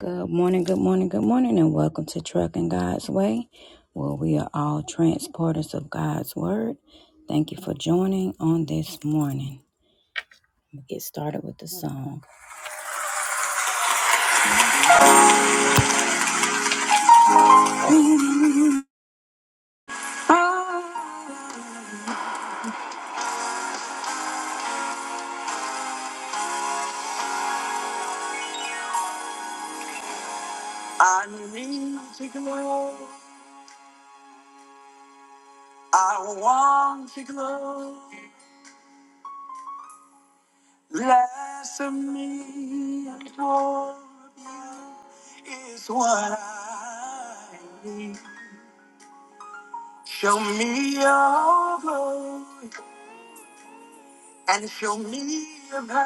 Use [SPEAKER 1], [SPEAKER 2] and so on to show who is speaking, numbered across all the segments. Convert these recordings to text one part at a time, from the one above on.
[SPEAKER 1] Good morning, good morning, good morning, and welcome to Trucking God's Way, where we are all transporters of God's Word. Thank you for joining on this morning. We get started with the song. I need to grow. I want to grow. Less of me and more of you is what I need. Show me your glory. and show me your power.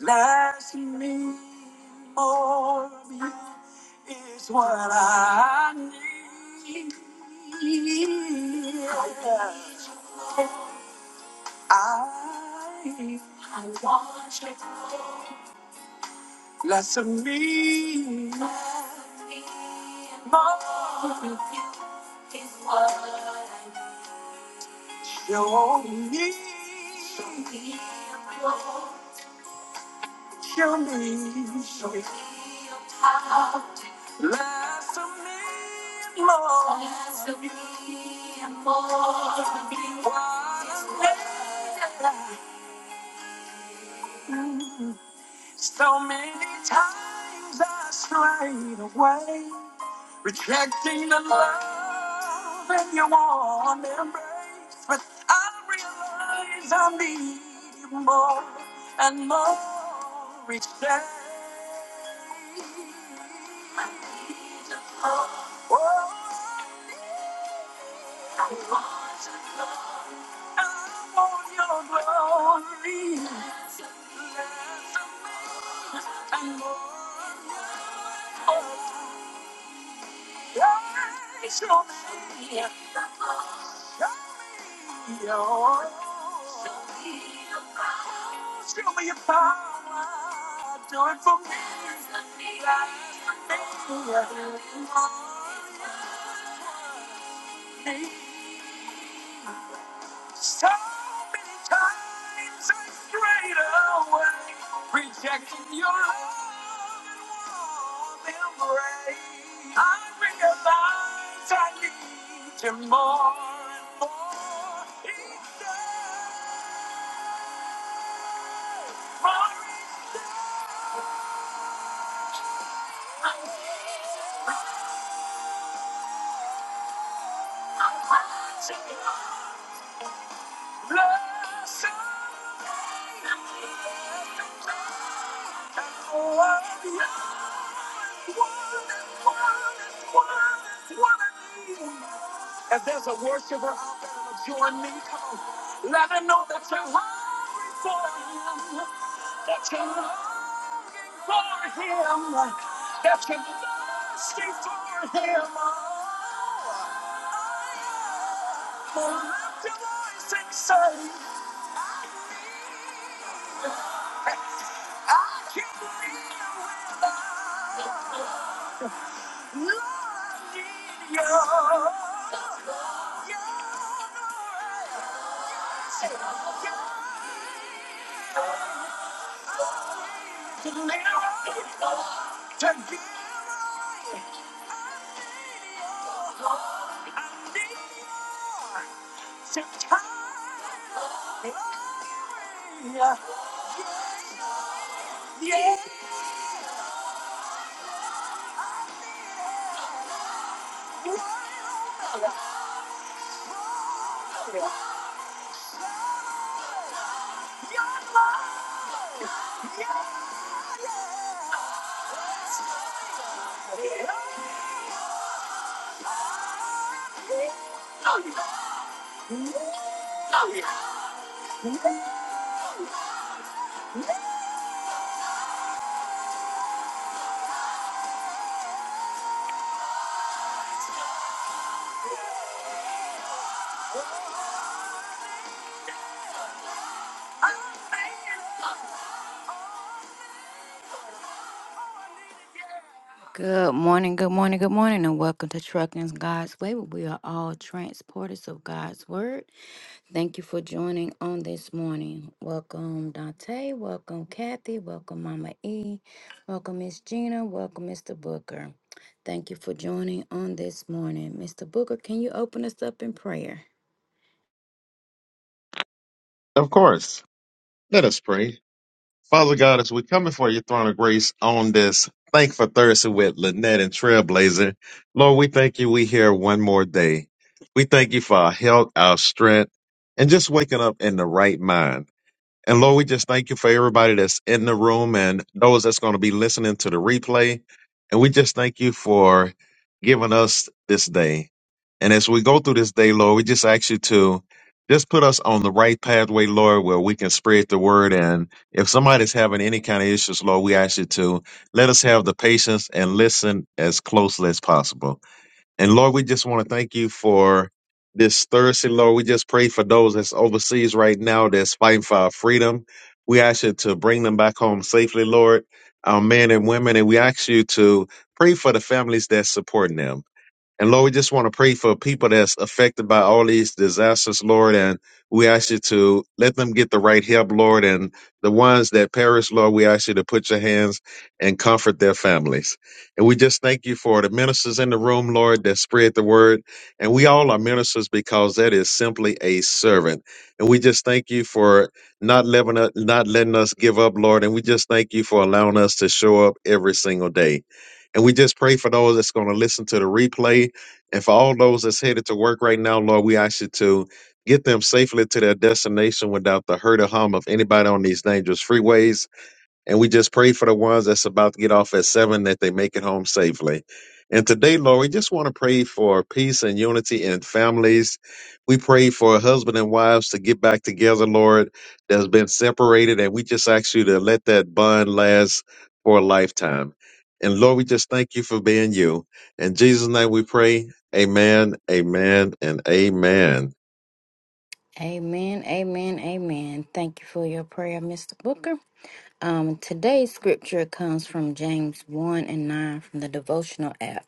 [SPEAKER 1] Bless me more of you is what I need. I want you. Less of me more of you is what I need. Show me. Show me. Show me. Less of me, and more. Less of me, and more of you. What a way to live. So many times I strayed away, rejecting the love and your warm embrace. But I realize I need you more and more each day. I need you more. Oh, I need. you more. I want your glory. Show me your power. Do it for me. Yeah. So many times I strayed away, rejecting your love and warm embrace. I realize I need you more and more each day. For each day I want you. If there's a worshiper out there, would join me. Come on. Let her know that you're hungry for him. That you're longing for him. That you're thirsty for him. Oh, well, lift your voice and say, I can't live without you. Lord, I need you. You're the way. You're the to live to give away. I need you to turn me away. Yeah, yeah, yeah, yeah. Good morning, good morning, good morning, and welcome to Trucking God's Way, where we are all transporters of God's Word. Thank you for joining on this morning. Welcome, Dante. Welcome, Kathy. Welcome, Mama E. Welcome, Miss Gina. Welcome, Mr. Booker. Thank you for joining on this morning. Mr. Booker, can you open us up in prayer?
[SPEAKER 2] Of course. Let us pray. Father God, as we come before your throne of grace on this Thankful Thursday with Lynette and Trailblazer, Lord, we thank you we here one more day. We thank you for our health, our strength, and just waking up in the right mind. And Lord, we just thank you for everybody that's in the room and those that's going to be listening to the replay. And we just thank you for giving us this day. And as we go through this day, Lord, we just ask you to just put us on the right pathway, Lord, where we can spread the word. And if somebody's having any kind of issues, Lord, we ask you to let us have the patience and listen as closely as possible. And Lord, we just want to thank you for this Thursday, Lord. We just pray for those that's overseas right now that's fighting for our freedom. We ask you to bring them back home safely, Lord, our men and women. And we ask you to pray for the families that's supporting them. And Lord, we just want to pray for people that's affected by all these disasters, Lord. And we ask you to let them get the right help, Lord. And the ones that perish, Lord, we ask you to put your hands and comfort their families. And we just thank you for the ministers in the room, Lord, that spread the word. And we all are ministers because that is simply a servant. And we just thank you for not letting us, not letting us give up, Lord. And we just thank you for allowing us to show up every single day. And we just pray for those that's going to listen to the replay and for all those that's headed to work right now, Lord, we ask you to get them safely to their destination without the hurt or harm of anybody on these dangerous freeways. And we just pray for the ones that's about to get off at seven that they make it home safely. And today, Lord, we just want to pray for peace and unity in families. We pray for husband and wives to get back together, Lord, that's been separated. And we just ask you to let that bond last for a lifetime. And Lord, we just thank you for being you. In Jesus' name we pray. Amen, amen, and amen.
[SPEAKER 1] Amen, amen, amen. Thank you for your prayer, Mr. Booker. Um, today's scripture comes from James 1 and 9 from the devotional app.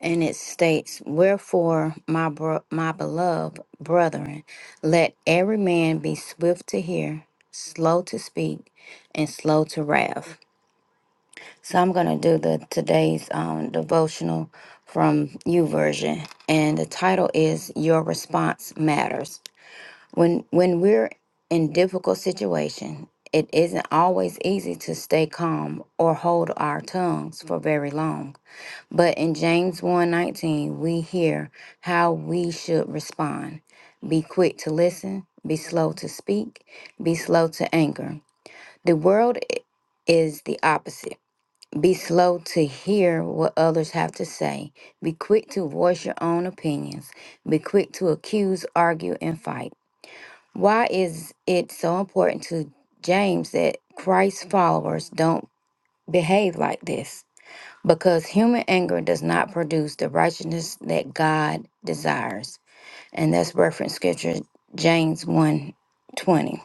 [SPEAKER 1] And it states, Wherefore, my, bro- my beloved brethren, let every man be swift to hear, slow to speak, and slow to wrath. So I'm going to do the today's um, devotional from you version. And the title is Your Response Matters. When when we're in difficult situation, it isn't always easy to stay calm or hold our tongues for very long. But in James one nineteen, we hear how we should respond. Be quick to listen, be slow to speak, be slow to anger. The world i- is the opposite. Be slow to hear what others have to say. Be quick to voice your own opinions. Be quick to accuse, argue, and fight. Why is it so important to James that Christ's followers don't behave like this? Because human anger does not produce the righteousness that God desires. And that's reference scripture James one 20.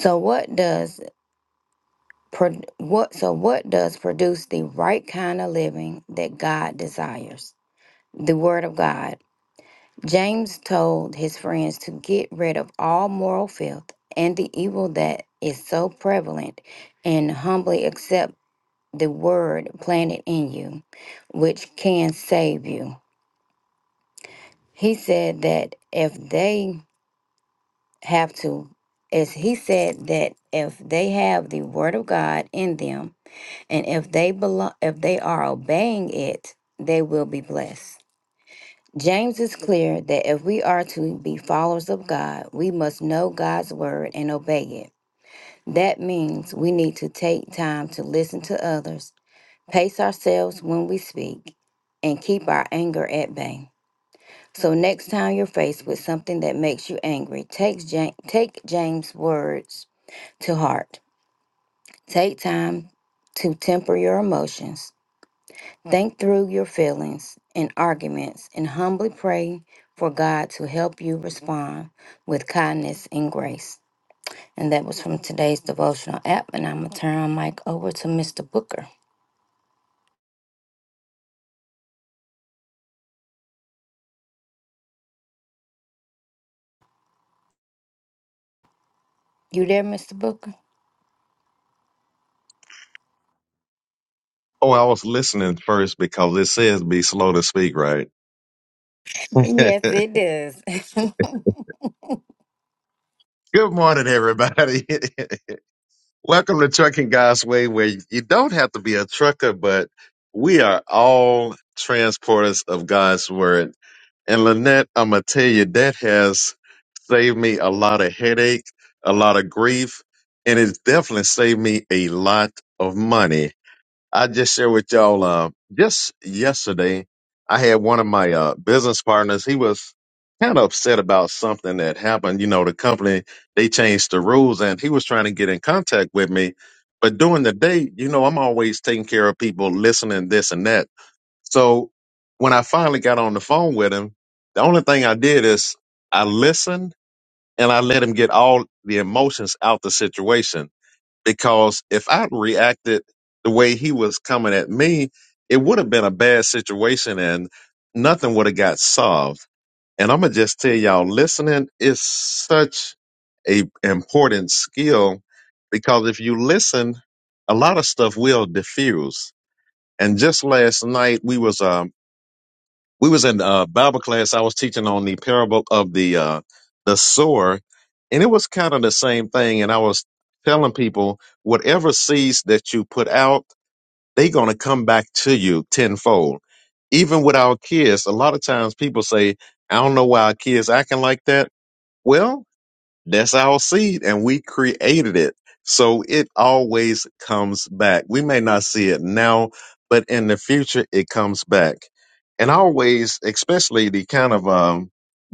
[SPEAKER 1] So what does pro- what so what does produce the right kind of living that God desires? The word of God. James told his friends to get rid of all moral filth and the evil that is so prevalent and humbly accept the word planted in you, which can save you. He said that if they have to, as he said that if they have the word of God in them and if they belong, if they are obeying it, they will be blessed. James is clear that if we are to be followers of God, we must know God's word and obey it. That means we need to take time to listen to others, pace ourselves when we speak, and keep our anger at bay. So next time you're faced with something that makes you angry, take, Ja- take James' words to heart. Take time to temper your emotions Think through your feelings and arguments and humbly pray for God to help you respond with kindness and grace. And that was from today's devotional app. And I'm going to turn my mic over to Mr. Booker. You there, Mr. Booker?
[SPEAKER 2] Oh, I was listening first because it says be slow to speak, right?
[SPEAKER 1] Yes, it does.
[SPEAKER 2] Good morning, everybody. Welcome to Trucking God's Way, where you don't have to be a trucker, but we are all transporters of God's word. And Lynette, I'm gonna tell you that has saved me a lot of headache, a lot of grief, and it's definitely saved me a lot of money. I just share with y'all. Uh, just yesterday, I had one of my uh, business partners. He was kind of upset about something that happened. You know, the company they changed the rules, and he was trying to get in contact with me. But during the day, you know, I'm always taking care of people, listening this and that. So when I finally got on the phone with him, the only thing I did is I listened and I let him get all the emotions out the situation because if i reacted the way he was coming at me, it would have been a bad situation and nothing would have got solved. And I'm gonna just tell y'all, listening is such a important skill because if you listen, a lot of stuff will diffuse. And just last night we was um we was in uh, Bible class. I was teaching on the parable of the uh, the sower, and it was kind of the same thing. And I was telling people, whatever seeds that you put out, they gonna come back to you tenfold. Even with our kids, a lot of times people say, "I don't know why our kids acting like that." Well, that's our seed, and we created it. So it always comes back. We may not see it now, but in the future, it comes back. And I always, especially the kind of um,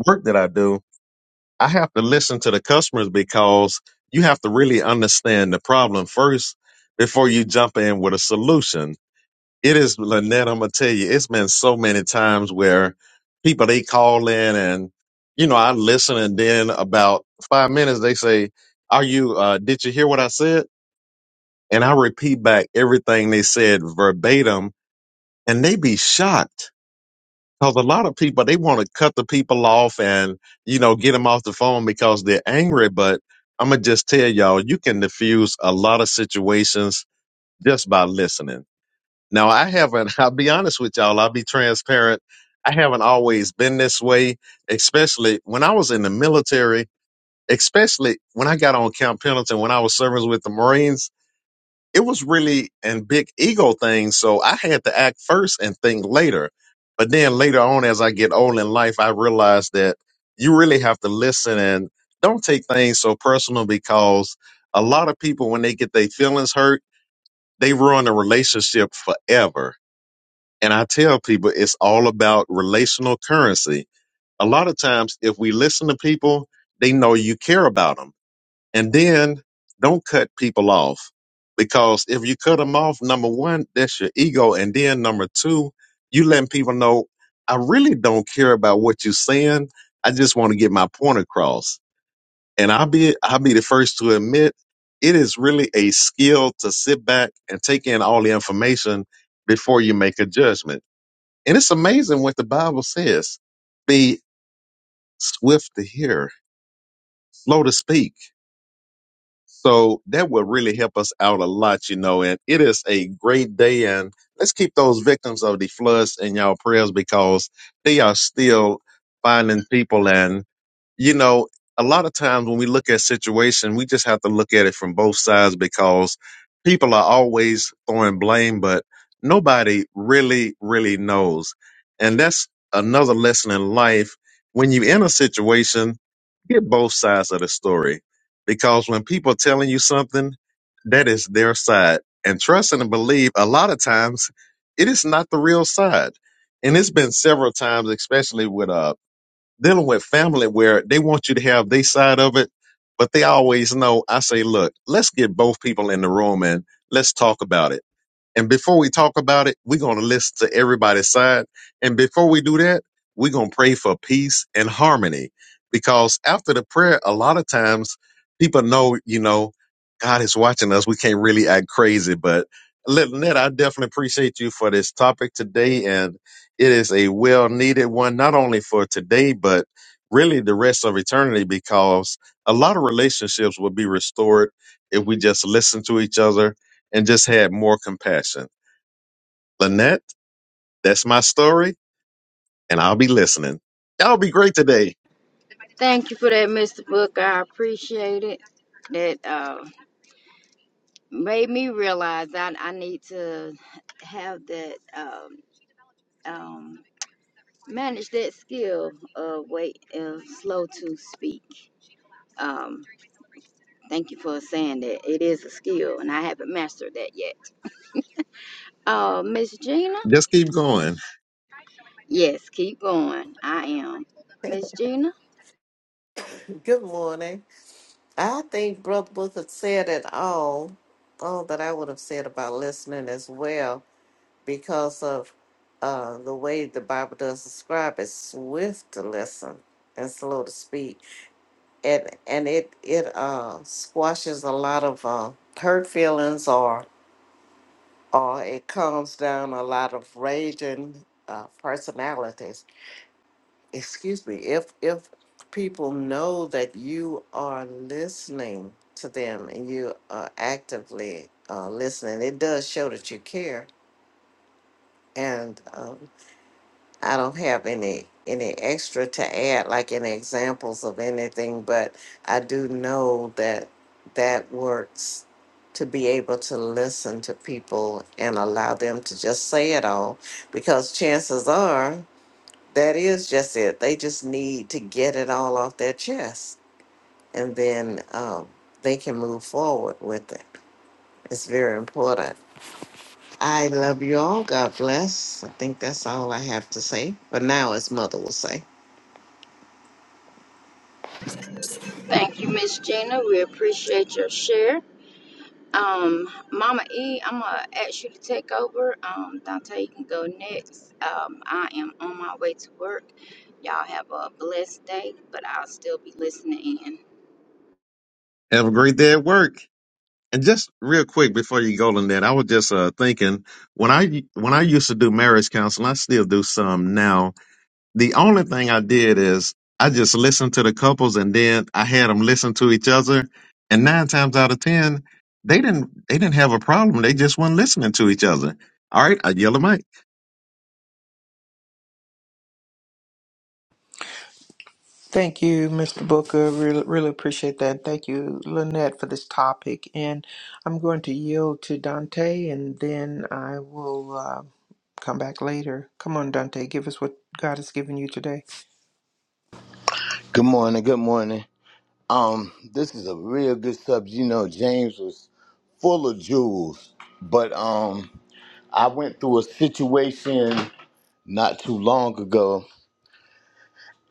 [SPEAKER 2] work that I do, I have to listen to the customers because you have to really understand the problem first before you jump in with a solution it is, Lynette, I'm gonna tell you, it's been so many times where people they call in and you know, I listen and then about five minutes they say, Are you uh did you hear what I said? And I repeat back everything they said verbatim and they be shocked. Because a lot of people they want to cut the people off and you know get them off the phone because they're angry. But I'm gonna just tell y'all, you can diffuse a lot of situations just by listening now, I haven't, I'll be honest with y'all, I'll be transparent. I haven't always been this way, especially when I was in the military, especially when I got on Camp Pendleton, when I was serving with the Marines. It was really a big ego thing. So I had to act first and think later. But then later on, as I get old in life, I realized that you really have to listen and don't take things so personal because a lot of people, when they get their feelings hurt, they ruin a relationship forever and I tell people it's all about relational currency. A lot of times, if we listen to people, they know you care about them. And then don't cut people off because if you cut them off, number one, that's your ego. And then number two, you letting people know, I really don't care about what you're saying. I just want to get my point across. And I'll be, I'll be the first to admit it is really a skill to sit back and take in all the information before you make a judgment and it's amazing what the Bible says. Be swift to hear, slow to speak. So that will really help us out a lot, you know. And it is a great day. And let's keep those victims of the floods in y'all prayers because they are still finding people. and. you know, a lot of times when we look at situation, we just have to look at it from both sides because people are always throwing blame, but nobody really, really knows. And that's another lesson in life. When you're in a situation, get both sides of the story because when people are telling you something, that is their side. And trust and believe a lot of times it is not the real side. And it's been several times, especially with uh dealing with family where they want you to have their side of it, but they always know. I say, look, let's get both people in the room and let's talk about it and before we talk about it, we're going to listen to everybody's side. And before we do that, we're going to pray for peace and harmony. Because after the prayer, a lot of times people know, you know, God is watching us. We can't really act crazy. But Lynette, I definitely appreciate you for this topic today. And it is a well needed one, not only for today, but really the rest of eternity, because a lot of relationships will be restored if we just listen to each other and just had more compassion. Lynette, that's my story, and I'll be listening. Y'all be great today.
[SPEAKER 1] Thank you for that, Mr. Booker. I appreciate it. That uh, made me realize I, I need to have that um, um, manage that skill of wait uh, slow to speak. Um, thank you for saying that. It is a skill, and I haven't mastered that yet. Uh, Miss Gina?
[SPEAKER 2] Just keep going.
[SPEAKER 1] Yes, keep going. I am. Miss Gina?
[SPEAKER 3] Good morning. I think Brother Booker said it all, all that I would have said about listening as well, because of uh, the way the Bible does describe it, swift to listen and slow to speak, and and it it uh, squashes a lot of uh, hurt feelings, or or it calms down a lot of raging uh, personalities excuse me, if if people know that you are listening to them and you are actively uh, listening, it does show that you care. And um, I don't have any any extra to add, like any examples of anything, but I do know that that works to be able to listen to people and allow them to just say it all because chances are that is just it. They just need to get it all off their chest and then um, they can move forward with it. It's very important. I love you all. God bless. I think that's all I have to say. But now, as Mother will say,
[SPEAKER 1] Thank you, Miss Gina. We appreciate your share. Um, Mama E, I'm gonna ask you to take over. Um, Dante, you can go next. Um, I am on my way to work. Y'all have a blessed day, but I'll still be listening in.
[SPEAKER 2] Have a great day at work. And just real quick before you go, Lynette, I was just uh, thinking when I when I used to do marriage counseling, I still do some now. The only thing I did is I just listened to the couples, and then I had them listen to each other. And nine times out of ten, they didn't they didn't have a problem. They just weren't listening to each other. All right, I yell at Mike.
[SPEAKER 4] Thank you, Mr. Booker. Really, really appreciate that. Thank you, Lynette, for this topic. And I'm going to yield to Dante, and then I will uh, come back later. Come on, Dante, give us what God has given you today.
[SPEAKER 5] Good morning. Good morning. Um, this is a real good subject. You know, James was full of jewels, but um, I went through a situation not too long ago,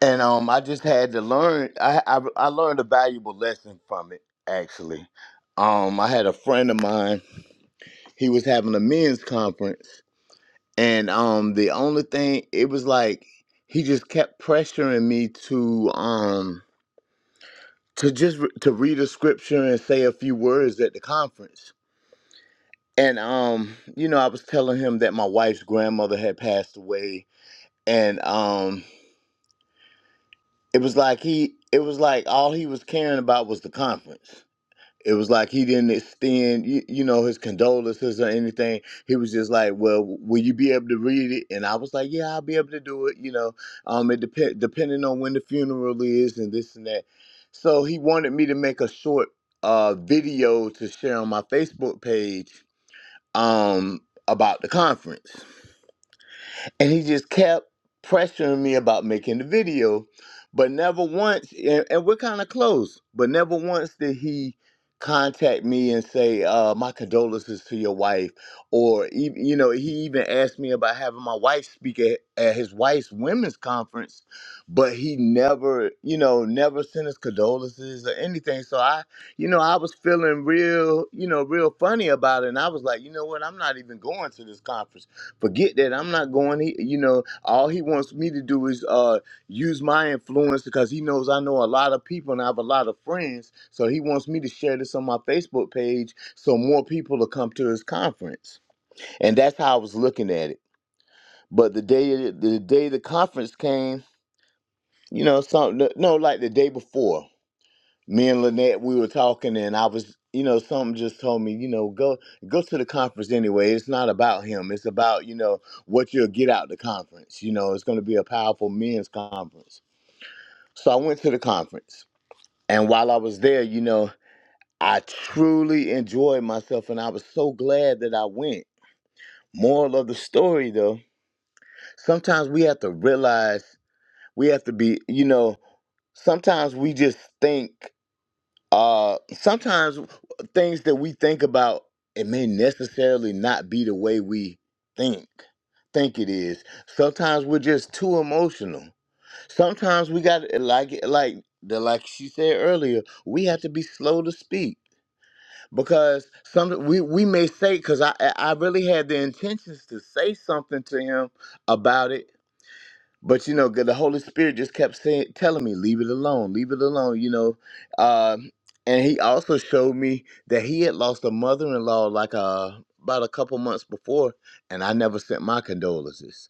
[SPEAKER 5] and um, I just had to learn. I I, I learned a valuable lesson from it. Actually, um, I had a friend of mine. He was having a men's conference, and um, the only thing it was like he just kept pressuring me to um to just re- to read a scripture and say a few words at the conference. And um, you know, I was telling him that my wife's grandmother had passed away, and um, it was like he, it was like all he was caring about was the conference. It was like he didn't extend, you, you know, his condolences or anything. He was just like, "Well, will you be able to read it?" And I was like, "Yeah, I'll be able to do it." You know, um, it depend depending on when the funeral is and this and that. So he wanted me to make a short uh video to share on my Facebook page um about the conference and he just kept pressuring me about making the video but never once and, and we're kind of close but never once did he contact me and say uh, my condolences to your wife or ev- you know he even asked me about having my wife speak at, at his wife's women's conference but he never you know never sent us condolences or anything so i you know i was feeling real you know real funny about it and i was like you know what i'm not even going to this conference Forget that I'm not going. He, you know, all he wants me to do is uh use my influence because he knows I know a lot of people and I have a lot of friends. So he wants me to share this on my Facebook page so more people will come to his conference. And that's how I was looking at it. But the day the day the conference came, you know, something no, no, like the day before me and Lynette, we were talking, and I was, you know, something just told me, you know, go go to the conference anyway. It's not about him. It's about, you know, what you'll get out the conference. You know, it's going to be a powerful men's conference. So I went to the conference, and while I was there, you know, I truly enjoyed myself, and I was so glad that I went. Moral of the story, though, sometimes we have to realize we have to be, you know, sometimes we just think. uh sometimes things that we think about it may necessarily not be the way we think think it is sometimes we're just too emotional sometimes we got like eh, like the like she said earlier we have to be slow to speak because some we, we may say because I I I really had the intentions to say something to him about it but you know the holy spirit just kept saying telling me leave it alone leave it alone you know uh, and he also showed me that he had lost a mother-in-law like uh, about a couple months before and i never sent my condolences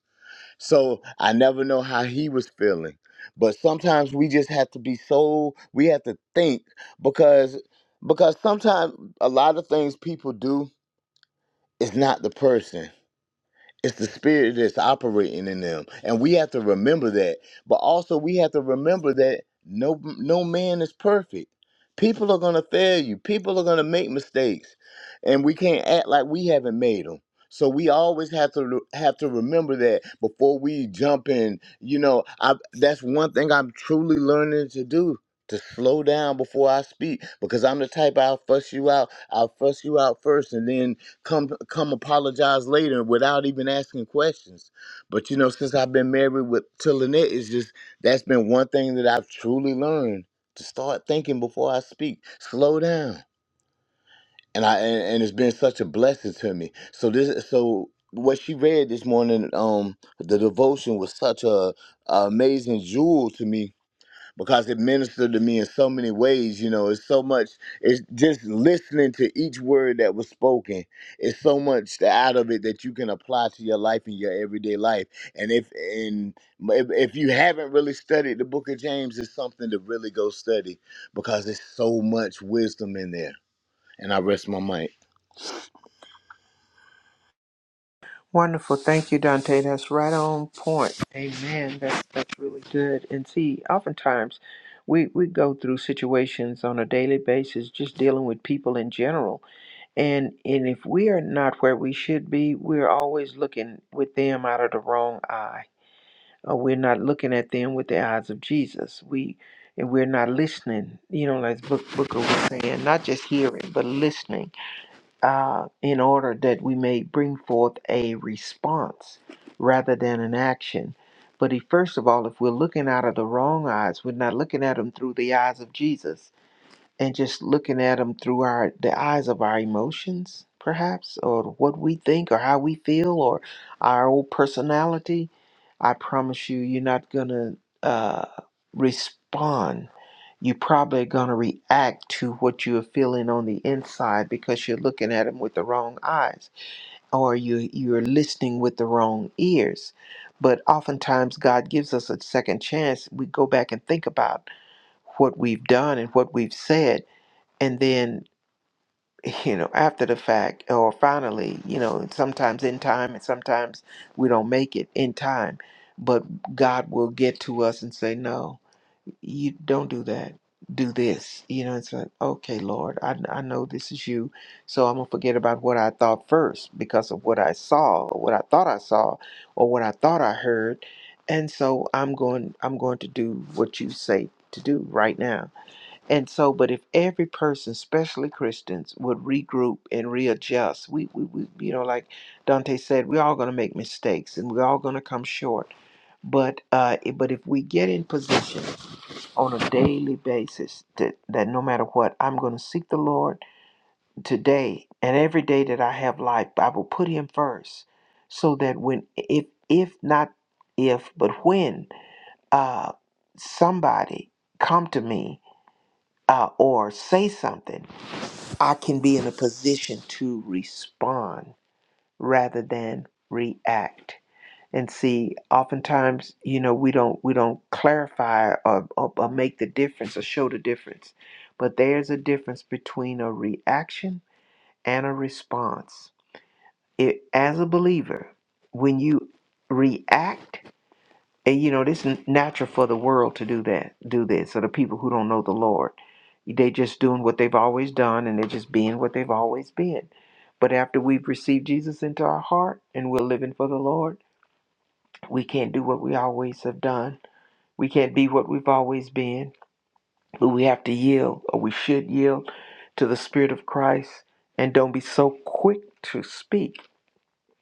[SPEAKER 5] so i never know how he was feeling but sometimes we just have to be so we have to think because because sometimes a lot of things people do is not the person it's the spirit that's operating in them. And we have to remember that. But also we have to remember that no no man is perfect. People are gonna fail you. People are gonna make mistakes. And we can't act like we haven't made them. So we always have to re- have to remember that before we jump in. You know, I, that's one thing I'm truly learning to do to slow down before I speak because I'm the type I'll fuss you out. I'll fuss you out first, and then come come apologize later without even asking questions. But you know, since I've been married with to Lynette, it's just that's been one thing that I've truly learned to start thinking before I speak. Slow down. And I and, and it's been such a blessing to me. So this so what she read this morning, um, the devotion was such a, a amazing jewel to me because it ministered to me in so many ways. You know, it's so much, it's just listening to each word that was spoken. It's so much out of it that you can apply to your life and your everyday life. And if and if, if you haven't really studied the book of James, it's something to really go study because there's so much wisdom in there. And I rest my mic.
[SPEAKER 4] Wonderful. Thank you, Dante. That's right on point. Amen. That's that's really good. And see, oftentimes we, we go through situations on a daily basis, just dealing with people in general. And and if we are not where we should be, we're always looking with them out of the wrong eye. Or we're not looking at them with the eyes of Jesus. We and we're not listening, you know, like Book Booker was saying, not just hearing, but listening uh, in order that we may bring forth a response rather than an action. But if, first of all, if we're looking out of the wrong eyes, we're not looking at them through the eyes of Jesus and just looking at them through our the eyes of our emotions, perhaps, or what we think or how we feel or our old personality. I promise you, you're not gonna uh, respond you probably are going to react to what you're feeling on the inside because you're looking at them with the wrong eyes or you you're listening with the wrong ears but oftentimes god gives us a second chance we go back and think about what we've done and what we've said and then you know after the fact or finally you know sometimes in time and sometimes we don't make it in time but god will get to us and say no you don't do that do this you know it's like okay lord i, I know this is you so i'm gonna forget about what i thought first because of what i saw or what i thought i saw or what i thought i heard and so i'm going i'm going to do what you say to do right now and so but if every person especially christians would regroup and readjust we, we, we you know like dante said we're all going to make mistakes and we're all going to come short but uh, i- but if we get in position on a daily basis that, that no matter what, I'm going to seek the Lord today and every day that I have life, I will put him first so that when, if, if not if, but when uh, somebody come to me uh, or say something, I can be in a position to respond rather than react and see oftentimes you know we don't we don't clarify or, or, or make the difference or show the difference but there's a difference between a reaction and a response it, as a believer when you react and you know this is natural for the world to do that do this so the people who don't know the lord they just doing what they've always done and they're just being what they've always been but after we've received jesus into our heart and we're living for the lord we can't do what we always have done. We can't be what we've always been. But we have to yield, or we should yield, to the Spirit of Christ. And don't be so quick to speak.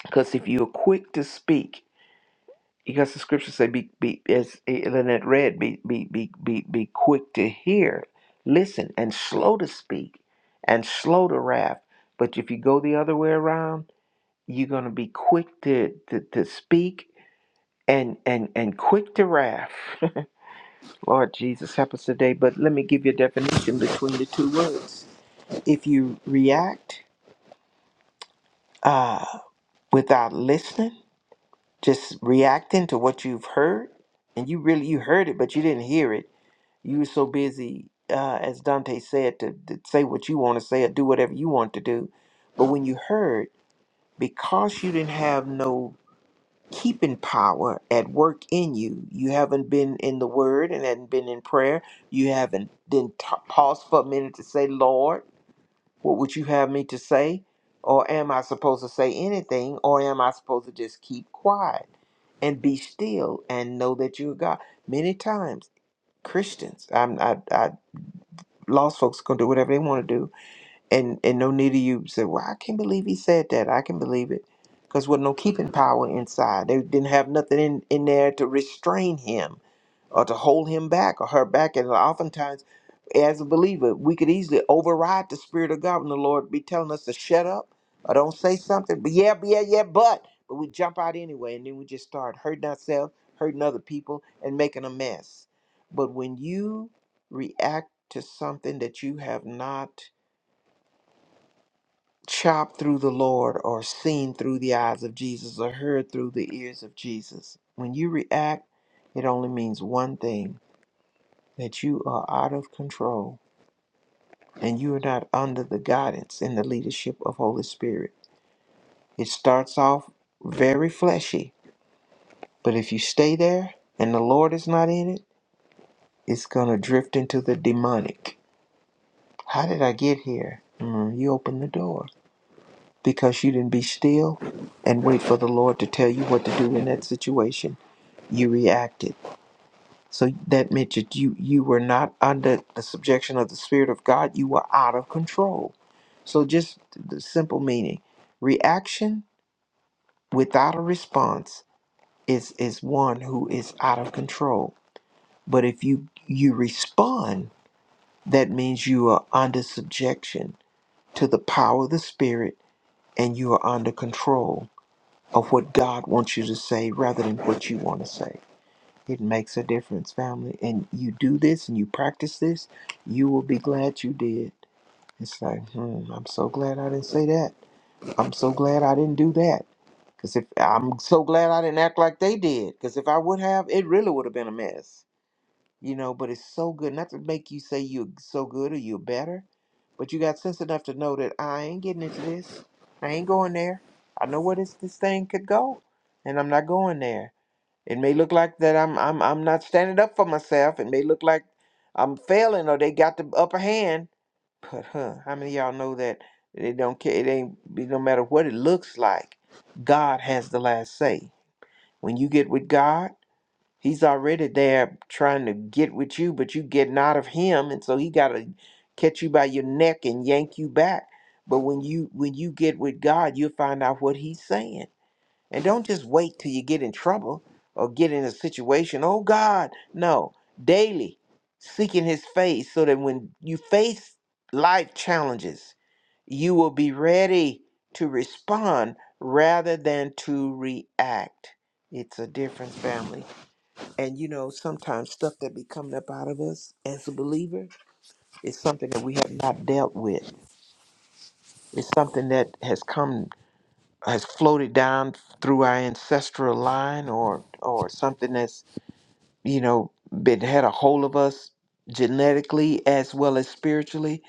[SPEAKER 4] Because if you're quick to speak, because the scriptures say, be, be as Lynette read, be, be, be, be, be quick to hear, listen, and slow to speak, and slow to wrath. But if you go the other way around, you're going to be quick to, to, to speak and, and, and quick to wrath. Lord Jesus, help us today. But let me give you a definition between the two words. If you react uh, without listening, just reacting to what you've heard, and you really you heard it, but you didn't hear it. You were so busy, uh, as Dante said, to, to say what you want to say or do whatever you want to do. But when you heard, because you didn't have no keeping power at work in you. You haven't been in the word and hadn't been in prayer. You haven't then t- paused for a minute to say, Lord, what would you have me to say? Or am I supposed to say anything? Or am I supposed to just keep quiet and be still and know that you're God? Many times, Christians, I'm, I, I, lost folks are going to do whatever they want to do and and no need of you say, well, I can't believe he said that. I can believe it. Because with no keeping power inside, they didn't have nothing in, in there to restrain him or to hold him back or her back. And oftentimes, as a believer, we could easily override the Spirit of God when the Lord be telling us to shut up or don't say something. But yeah, but yeah, yeah, but. But we jump out anyway, and then we just start hurting ourselves, hurting other people, and making a mess. But when you react to something that you have not chopped through the Lord or seen through the eyes of Jesus or heard through the ears of Jesus. When you react, it only means one thing that you are out of control and you are not under the guidance and the leadership of Holy Spirit. It starts off very fleshy, but if you stay there and the Lord is not in it, it's going to drift into the demonic. How did I get here? Mm, you open the door because you didn't be still and wait for the Lord to tell you what to do in that situation. You reacted. So that meant that you, you were not under the subjection of the Spirit of God. You were out of control. So just the simple meaning reaction without a response is, is one who is out of control. But if you, you respond, that means you are under subjection to the power of the Spirit and you are under control of what God wants you to say rather than what you want to say. It makes a difference, family. And you do this and you practice this, you will be glad you did. It's like, hmm, I'm so glad I didn't say that. I'm so glad I didn't do that. Because if I'm so glad I didn't act like they did, because if I would have, it really would have been a mess you know, but it's so good. Not to make you say you're so good or you're better, but you got sense enough to know that I ain't getting into this. I ain't going there. I know where this this thing could go, and I'm not going there. It may look like that I'm I'm I'm not standing up for myself. It may look like I'm failing or they got the upper hand. But huh, how many of y'all know that they don't care? It ain't it no matter what it looks like. God has the last say. When you get with God. He's already there trying to get with you, but you getting out of him, and so he gotta catch you by your neck and yank you back. But when you when you get with God, you'll find out what he's saying. And don't just wait till you get in trouble or get in a situation. Oh God, no. Daily seeking his face so that when you face life challenges, you will be ready to respond rather than to react. It's a difference, family. And you know, sometimes stuff that be coming up out of us as a believer is something that we have not dealt with. It's something that has come has floated down through our ancestral line or or something that's, you know, been had a hold of us genetically as well as spiritually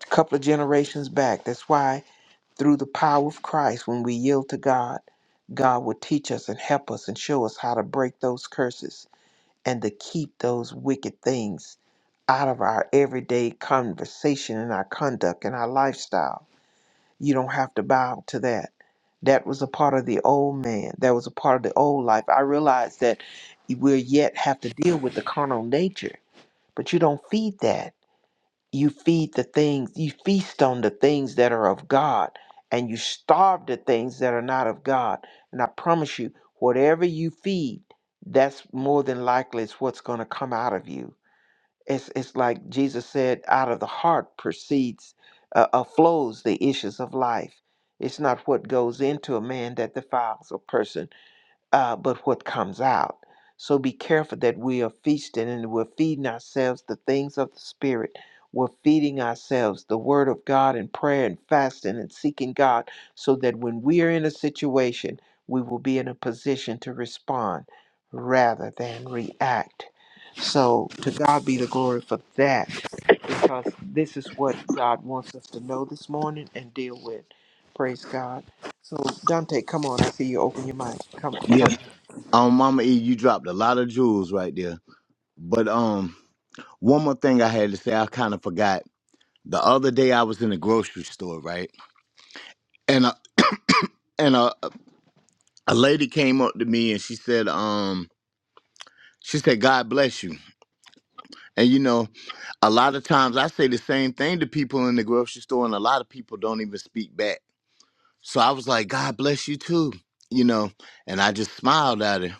[SPEAKER 4] a couple of generations back. That's why through the power of Christ when we yield to God, God will teach us and help us and show us how to break those curses and to keep those wicked things out of our everyday conversation and our conduct and our lifestyle. You don't have to bow to that. That was a part of the old man. That was a part of the old life. I realize that we'll yet have to deal with the carnal nature, but you don't feed that. You feed the things, you feast on the things that are of God, and you starve the things that are not of God. And I promise you, whatever you feed, that's more than likely is what's going to come out of you it's, it's like Jesus said, out of the heart proceeds, uh, uh, flows the issues of life. It's not what goes into a man that defiles a person, uh, but what comes out. So be careful that we are feasting and we're feeding ourselves the things of the Spirit. We're feeding ourselves the Word of God and prayer and fasting and seeking God so that when we are in a situation, we will be in a position to respond rather than react. So to God be the glory for that because this is what God wants us to know this morning and deal with. Praise God. So Dante, come on. I see you open your mic. Come,
[SPEAKER 5] Yeah.
[SPEAKER 4] come.
[SPEAKER 5] Um, Mama E, you dropped a lot of jewels right there. But um, one more thing I had to say, I kind of forgot. The other day I was in the grocery store, right? and. and a, a lady came up to me and she said, um, she said, God bless you. And you know, a lot of times I say the same thing to people in the grocery store, and a lot of people don't even speak back. So I was like, God bless you too, you know. And I just smiled at her.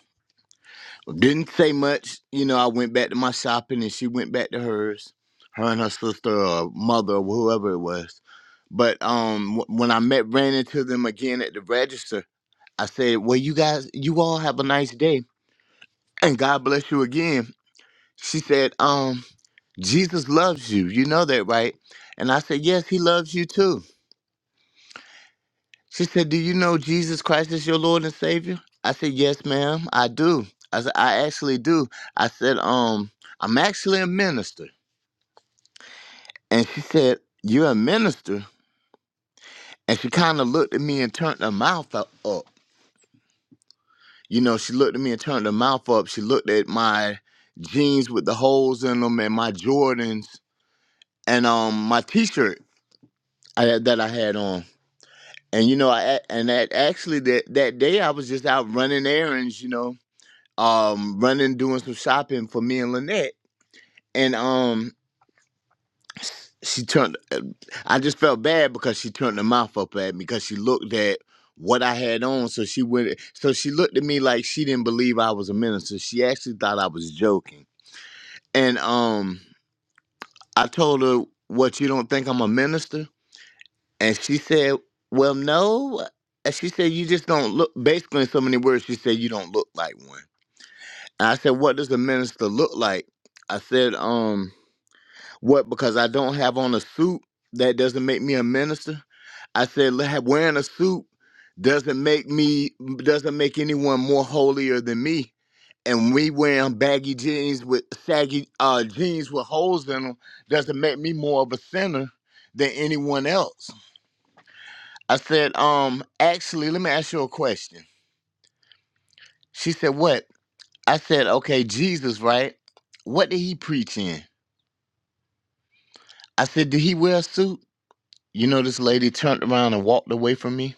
[SPEAKER 5] Didn't say much, you know. I went back to my shopping, and she went back to hers, her and her sister or mother or whoever it was. But um, wh- when I met ran into them again at the register, I said, "Well, you guys, you all have a nice day." And God bless you again. She said, um, Jesus loves you. You know that, right? And I said, Yes, he loves you too. She said, Do you know Jesus Christ is your Lord and Savior? I said, Yes, ma'am, I do. I said, I actually do. I said, um, I'm actually a minister. And she said, You're a minister? And she kind of looked at me and turned her mouth u- up. You know, she looked at me and turned her mouth up. She looked at my jeans with the holes in them and my Jordans and um my t-shirt I, that I had on. And you know, I and that actually that that day I was just out running errands, you know, um, running doing some shopping for me and Lynette, and um, she turned. uh, I just felt bad because she turned her mouth up at me because she looked at what I had on, so she went. So she looked at me like she didn't believe I was a minister. She actually thought I was joking, and um, I told her, "What you don't think I'm a minister?" And she said, Well, no. And she said, You just don't look, basically, in so many words, she said, You don't look like one. And I said, What does a minister look like? I said, Um, what? Because I don't have on a suit, that doesn't make me a minister. I said, "Le- Wearing a suit doesn't make me, doesn't make anyone more holier than me. And me wearing baggy jeans with saggy uh, jeans with holes in them doesn't make me more of a sinner than anyone else I said, um, actually, let me ask you a question. She said, what? I said, okay, Jesus, right? What did he preach in? I said, did he wear a suit? You know, this lady turned around and walked away from me.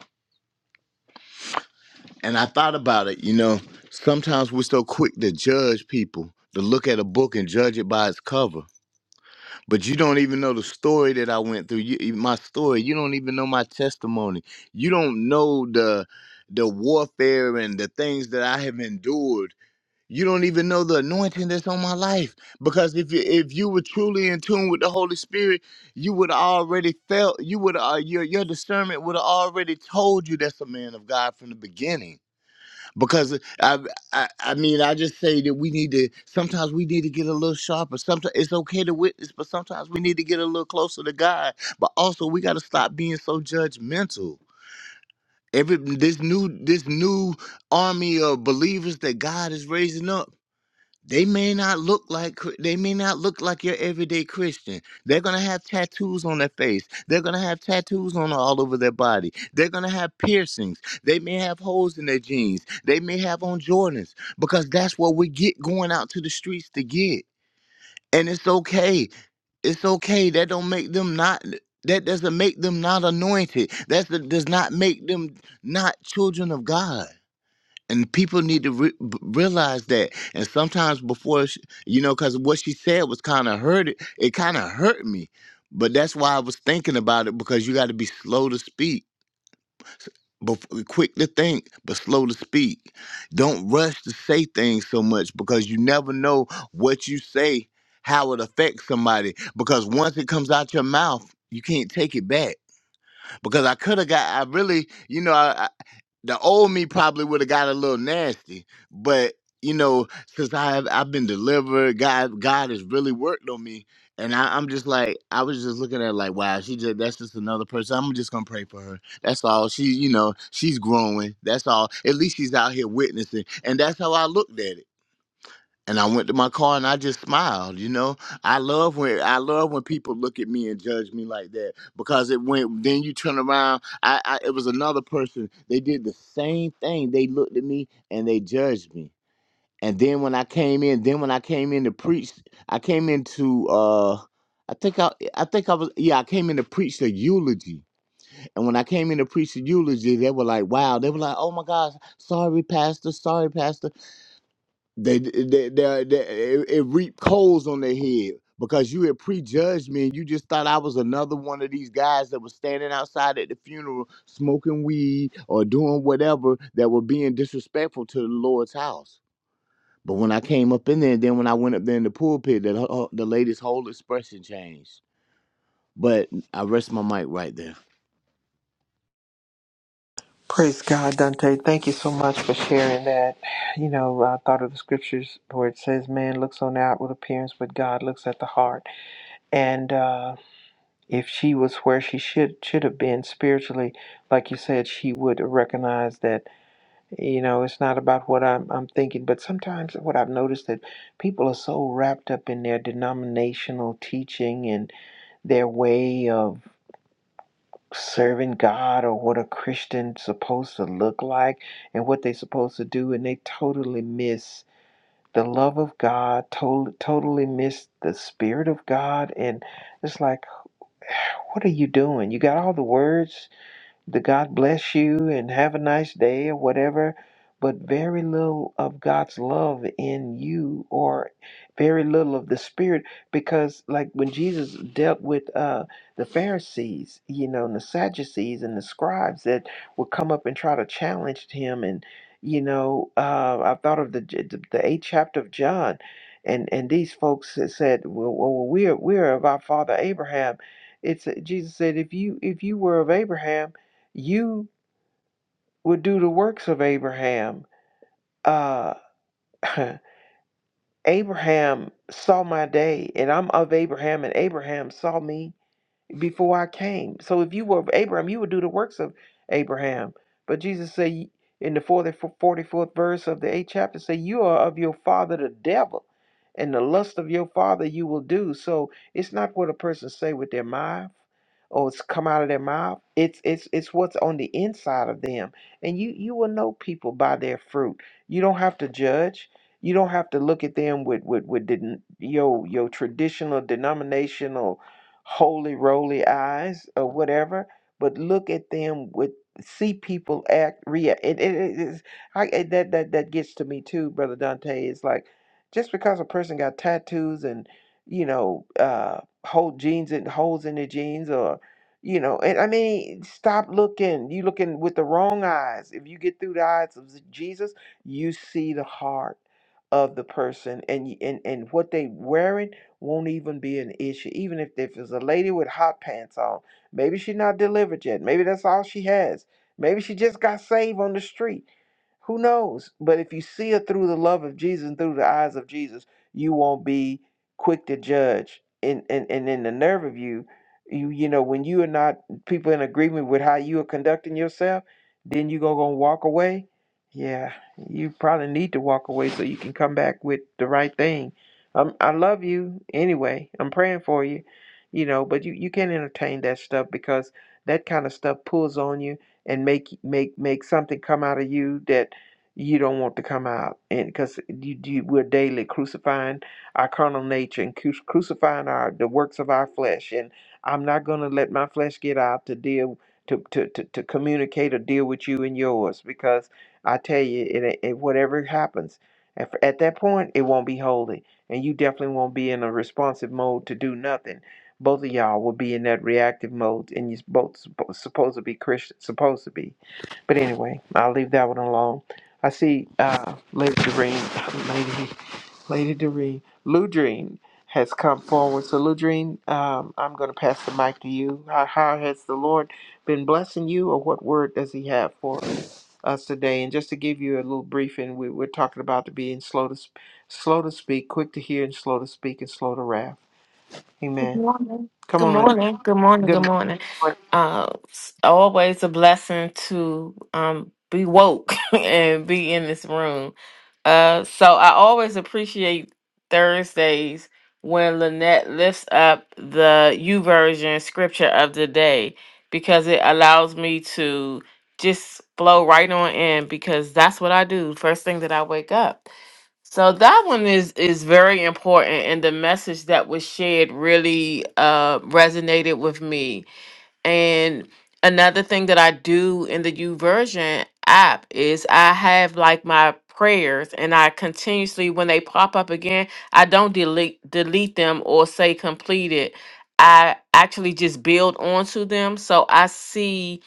[SPEAKER 5] And I thought about it, you know, sometimes we're so quick to judge people, to look at a book and judge it by its cover. But you don't even know the story that I went through. You, you- my story, you don't even know my testimony. You don't know the the warfare and the things that I have endured You don't even know the anointing that's on my life because if you, if you were truly in tune with the Holy Spirit, you would already felt you would uh, your your discernment would have already told you that's a man of God from the beginning. Because I, I I mean I just say that we need to sometimes we need to get a little sharper. Sometimes it's okay to witness, but sometimes we need to get a little closer to God. But also we got to stop being so judgmental. Every this new this new army of believers that God is raising up they may not look like Chri- they may not look like your everyday Christian. They're gonna have tattoos on their face. They're gonna have tattoos on all over their body. They're gonna have piercings. They may have holes in their jeans. They may have on Jordans because that's what we get going out to the streets to get. And it's okay. It's okay. That don't make them not. That doesn't make them not anointed. That does not make them not children of God and people need to re- b- realize that and sometimes before she, you know because what she said was kind of hurt it, it kind of hurt me but that's why i was thinking about it because you got to be slow to speak bef- quick to think but slow to speak don't rush to say things so much because you never know what you say how it affects somebody because once it comes out your mouth you can't take it back because i could have got i really you know I the old me probably would have got a little nasty, but you know, since I've I've been delivered, God God has really worked on me, and I, I'm just like I was just looking at it like, wow, she just that's just another person. I'm just gonna pray for her. That's all. She, you know, she's growing. That's all. At least she's out here witnessing, and that's how I looked at it and I went to my car and I just smiled. You know, I love when I love when people look at me and judge me like that because it went. Then you turn around. I, I it was another person. They did the same thing. They looked at me and they judged me. And then when I came in, then when I came in to preach, I came in to uh. I think I, I think I was, yeah, I came in to preach the eulogy. And when I came in to preach the eulogy, they were like, wow. They were like, oh my gosh, sorry, Pastor, sorry, Pastor. They they they, they it, it reaped coals on their head because you had prejudged me and you just thought I was another one of these guys that was standing outside at the funeral smoking weed or doing whatever that were being disrespectful to the Lord's house. But when I came up in there, and then when I went up there in the pulpit, that uh, the lady's whole expression changed. But I rest my mic right there.
[SPEAKER 4] Praise God, Dante. Thank you so much for sharing that. You know, I thought of the scriptures where it says, "Man looks on the outward appearance, but God looks at the heart." And uh, if she was where she should should have been spiritually, like you said, she would recognize that. You know, it's not about what I'm I'm thinking, but sometimes what I've noticed that people are so wrapped up in their denominational teaching and their way of serving God or what a Christian's supposed to look like and what they're supposed to do, and they totally miss the love of God, totally, totally miss the Spirit of God. And it's like, what are you doing? You got all the words, the God bless you and have a nice day or whatever, but very little of God's love in you or very little of the Spirit because, like when Jesus dealt with uh, the Pharisees, you know, and the Sadducees and the scribes that would come up and try to challenge him and you know, uh, I thought of the the the eighth chapter of John, and and these folks that said, "Well, well we're we're of our father Abraham." It's uh, Jesus said, "If you if you were of Abraham." You would do the works of Abraham. Uh, Abraham saw my day, and I'm of Abraham, and Abraham saw me. before I came. So if you were of Abraham, you would do the works of Abraham. But Jesus said in the 44th verse of the 8th chapter, say, you are of your father the devil, and the lust of your father you will do. So it's not what a person say with their mouth or it's come out of their mouth. It's it's it's what's on the inside of them. And you you will know people by their fruit. You don't have to judge. You don't have to look at them with with with den- your your traditional denominational holy roly eyes or whatever, but look at them with see people act react. It, it, it is I it- that that that gets to me too, brother Dante. It's like just because a person got tattoos and you know uh hold jeans and holes in their jeans or you know and i mean stop looking you looking with the wrong eyes if you get through the eyes of jesus you see the heart of the person and y- and and what they wearing won't even be an issue. Even if, if it's a lady with hot pants on, maybe she's not delivered yet. Maybe that's all she has. Maybe she just got saved on the street who knows? But if you see it through the love of Jesus and through the eyes of Jesus, you won't be quick to judge. And and, and in the nerve of you, you you know, when you are not people in agreement with how you are conducting yourself, then you go gonna walk away. Yeah, you probably need to walk away so you can come back with the right thing. Um, I love you anyway. I'm praying for you, you know. But you you can't entertain that stuff because that kind of stuff pulls on you and make make make something come out of you that you don't want to come out and because you, you we're daily crucifying our carnal nature and cru- crucifying our the works of our flesh and i'm not going to let my flesh get out to deal to, to, to, to communicate or deal with you and yours because i tell you it, it, whatever happens at, at that point it won't be holy and you definitely won't be in a responsive mode to do nothing both of y'all will be in that reactive mode, and you're both suppo- supposed to be Christian, supposed to be. But anyway, I'll leave that one alone. I see uh, Lady Doreen, Lady, Lady Doreen, Ludreen has come forward. So, Ludreen, um, I'm going to pass the mic to you. How, how has the Lord been blessing you, or what word does He have for us today? And just to give you a little briefing, we, we're talking about the being slow to, sp- slow to speak, quick to hear, and slow to speak, and slow to wrath.
[SPEAKER 6] Good
[SPEAKER 4] Amen.
[SPEAKER 6] morning.
[SPEAKER 4] Come
[SPEAKER 6] Good
[SPEAKER 4] on, Ludreen.
[SPEAKER 6] morning. Good morning. Good
[SPEAKER 4] Good
[SPEAKER 6] morning.
[SPEAKER 4] morning.
[SPEAKER 6] Uh, it's always a blessing to um, be woke and be in this room. Uh, so I always appreciate Thursdays when Lynette lifts up the U version scripture of the day because it allows me to just flow right on in because that's what I do first thing that I wake up. So that one is is very important, and the message that was shared really uh, resonated with me. And another thing that I do in the U app is I have like my prayers, and I continuously when they pop up again, I don't delete delete them or say completed. I actually just build onto them, so I see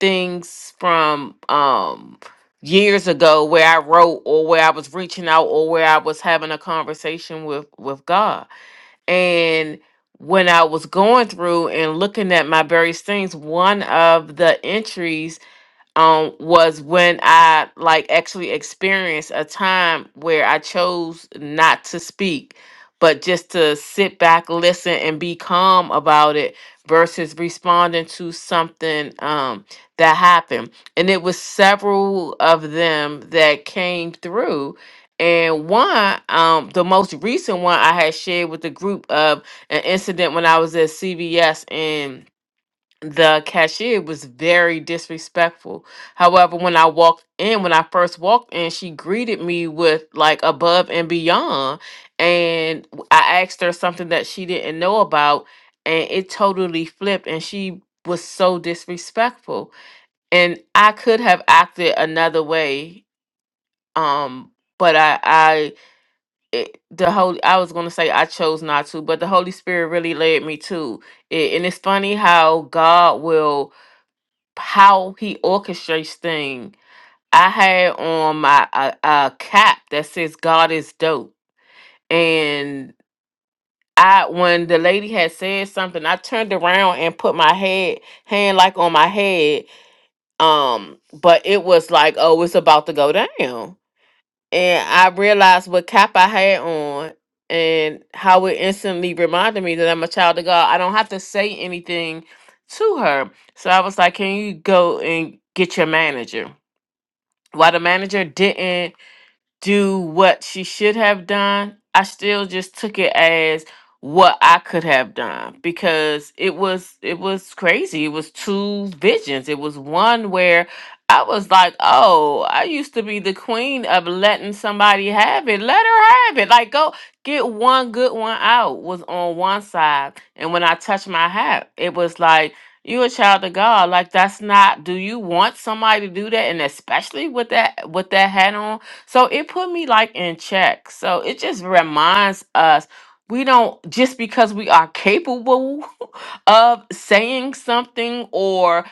[SPEAKER 6] things from um years ago where I wrote or where I was reaching out or where I was having a conversation with with God. And when I was going through and looking at my various things, one of the entries um was when I like actually experienced a time where I chose not to speak, but just to sit back, listen, and be calm about it versus responding to something um that happened. And it was several of them that came through. And one, um, the most recent one I had shared with the group of an incident when I was at CVS in the cashier was very disrespectful. However, when I walked in, when I first walked in, she greeted me with like above and beyond. And w- I asked her something that she didn't know about, and it totally flipped. And she was so disrespectful. And I could have acted another way. Um, but I, I, it, the holy, I was gonna say I chose not to, but the Holy Spirit really led me to it. And it's funny how God will how he orchestrates things. I had on my a, a cap that says "God is dope," and I when the lady had said something, I turned around and put my head hand like on my head, um, but it was like, oh, it's about to go down, and I realized what cap I had on. And how it instantly reminded me that I'm a child of God. I don't have to say anything to her. So I was like, Can you go and get your manager? why the manager didn't do what she should have done, I still just took it as what I could have done because it was it was crazy. It was two visions. It was one where I was like, "Oh, I used to be the queen of letting somebody have it. Let her have it. Like go get one good one out." Was on one side, and when I touched my hat, it was like you a child of God. Like that's not. Do you want somebody to do that? And especially with that with that hat on, so it put me like in check. So it just reminds us we don't just because we are capable of saying something or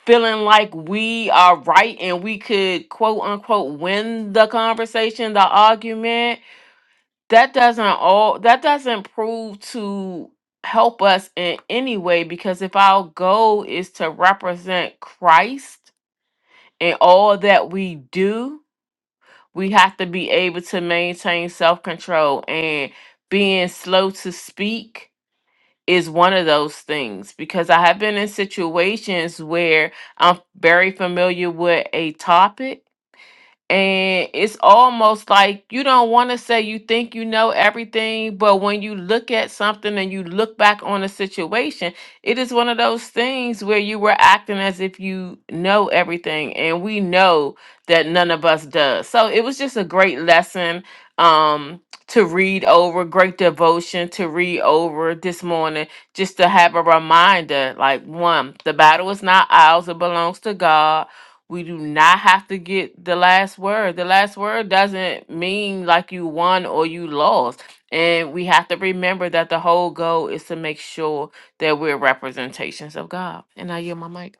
[SPEAKER 6] feeling like we are right and we could quote unquote win the conversation, the argument, that doesn't all that doesn't prove to help us in any way because if our goal is to represent Christ in all that we do, we have to be able to maintain self control and being slow to speak is one of those things because I have been in situations where I'm very familiar with a topic and it's almost like you don't want to say you think you know everything but when you look at something and you look back on a situation it is one of those things where you were acting as if you know everything and we know that none of us does so it was just a great lesson um to read over great devotion to read over this morning just to have a reminder like one the battle is not ours it belongs to god we do not have to get the last word. The last word doesn't mean like you won or you lost. And we have to remember that the whole goal is to make sure that we're representations of God. And I yield my mic.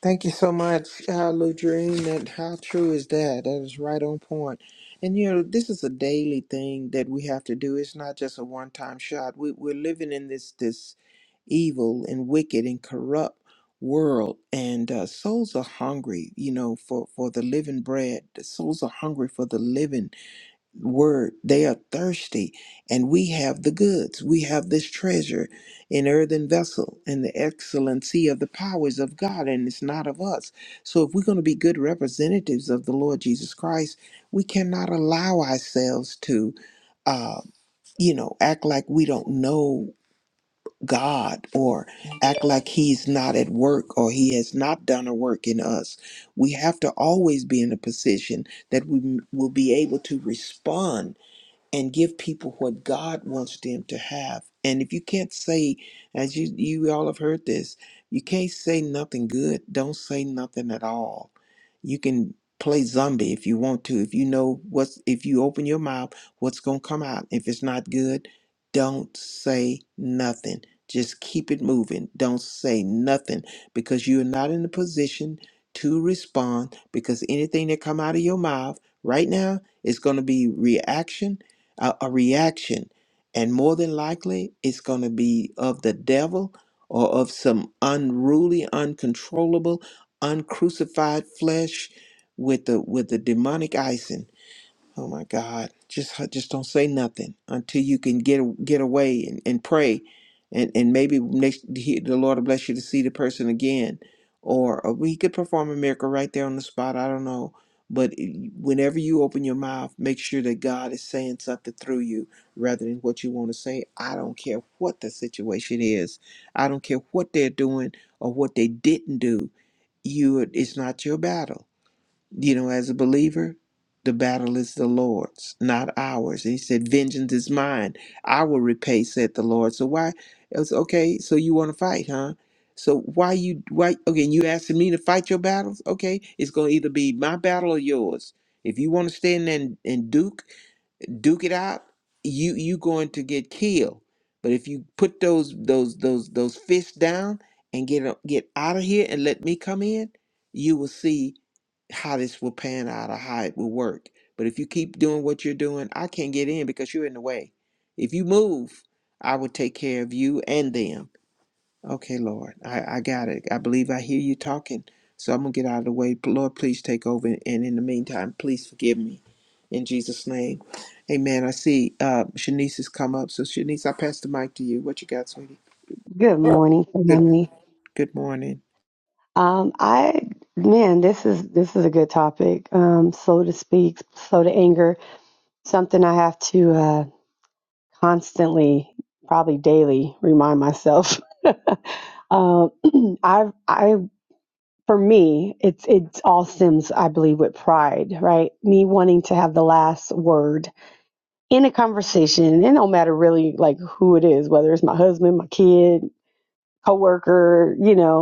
[SPEAKER 4] Thank you so much, uh, Ludrine. That how true is that? That is right on point. And you know, this is a daily thing that we have to do. It's not just a one-time shot. We, we're living in this this evil and wicked and corrupt world, and uh, souls are hungry. You know, for for the living bread. The souls are hungry for the living word they are thirsty and we have the goods we have this treasure in earthen vessel and the excellency of the powers of god and it's not of us so if we're going to be good representatives of the lord jesus christ we cannot allow ourselves to uh you know act like we don't know god or act like he's not at work or he has not done a work in us we have to always be in a position that we will be able to respond and give people what God wants them to have. And if you can't say, as you you all have heard this, you can't say nothing good. Don't say nothing at all. You can play zombie if you want to. If you know what's if you open your mouth, what's gonna come out. If it's not good, don't say nothing. Just keep it moving. Don't say nothing because you're not in a position to respond because anything that come out of your mouth right now is going to be reaction a, a reaction. And more than likely, it's going to be of the devil or of some unruly, uncontrollable, uncrucified flesh with the with the demonic icing. Oh my God. Just just don't say nothing until you can get get away and, and pray. And and maybe next he, the Lord will bless you to see the person again. Or, or he could perform a miracle right there on the spot. I don't know. But whenever you open your mouth, make sure that God is saying something through you rather than what you want to say. I don't care what the situation is. I don't care what they're doing or what they didn't do. You it's not your battle you know, as a believer, the battle is the Lord's, not ours. He said, Vengeance is mine. I will repay, said the Lord. So why it was okay, so you want to fight, huh? So why you why okay, you asking me to fight your battles? Okay, it's gonna either be my battle or yours. If you want to stand there and, and duke, duke it out, you you going to get killed. But if you put those those those those fists down and get o- get out of here and let me come in, you will see how this will pan out or how it will work. But if you keep doing what you're doing, I can't get in because you're in the way. If you move, I will take care of you and them Okay, Lord, I, I got it. I believe I hear you talking. So I'm going to get out of the way. Lord, please take over. And in the meantime, please forgive me. In Jesus' name. Amen. I see uh, Shanice has come up. So, Shanice, I pass the mic to you. What you got, sweetie?
[SPEAKER 7] Good morning,
[SPEAKER 4] Good,
[SPEAKER 7] family.
[SPEAKER 4] good morning.
[SPEAKER 7] Um, I man, this is this is a good topic. Um, slow to speak, slow to anger. Something I have to uh, constantly, probably daily, remind myself. um, I I for me, it's it's all stems, I believe, with pride, right? Me wanting to have the last word in a conversation, and it don't matter really like who it is, whether it's my husband, my kid, coworker, you know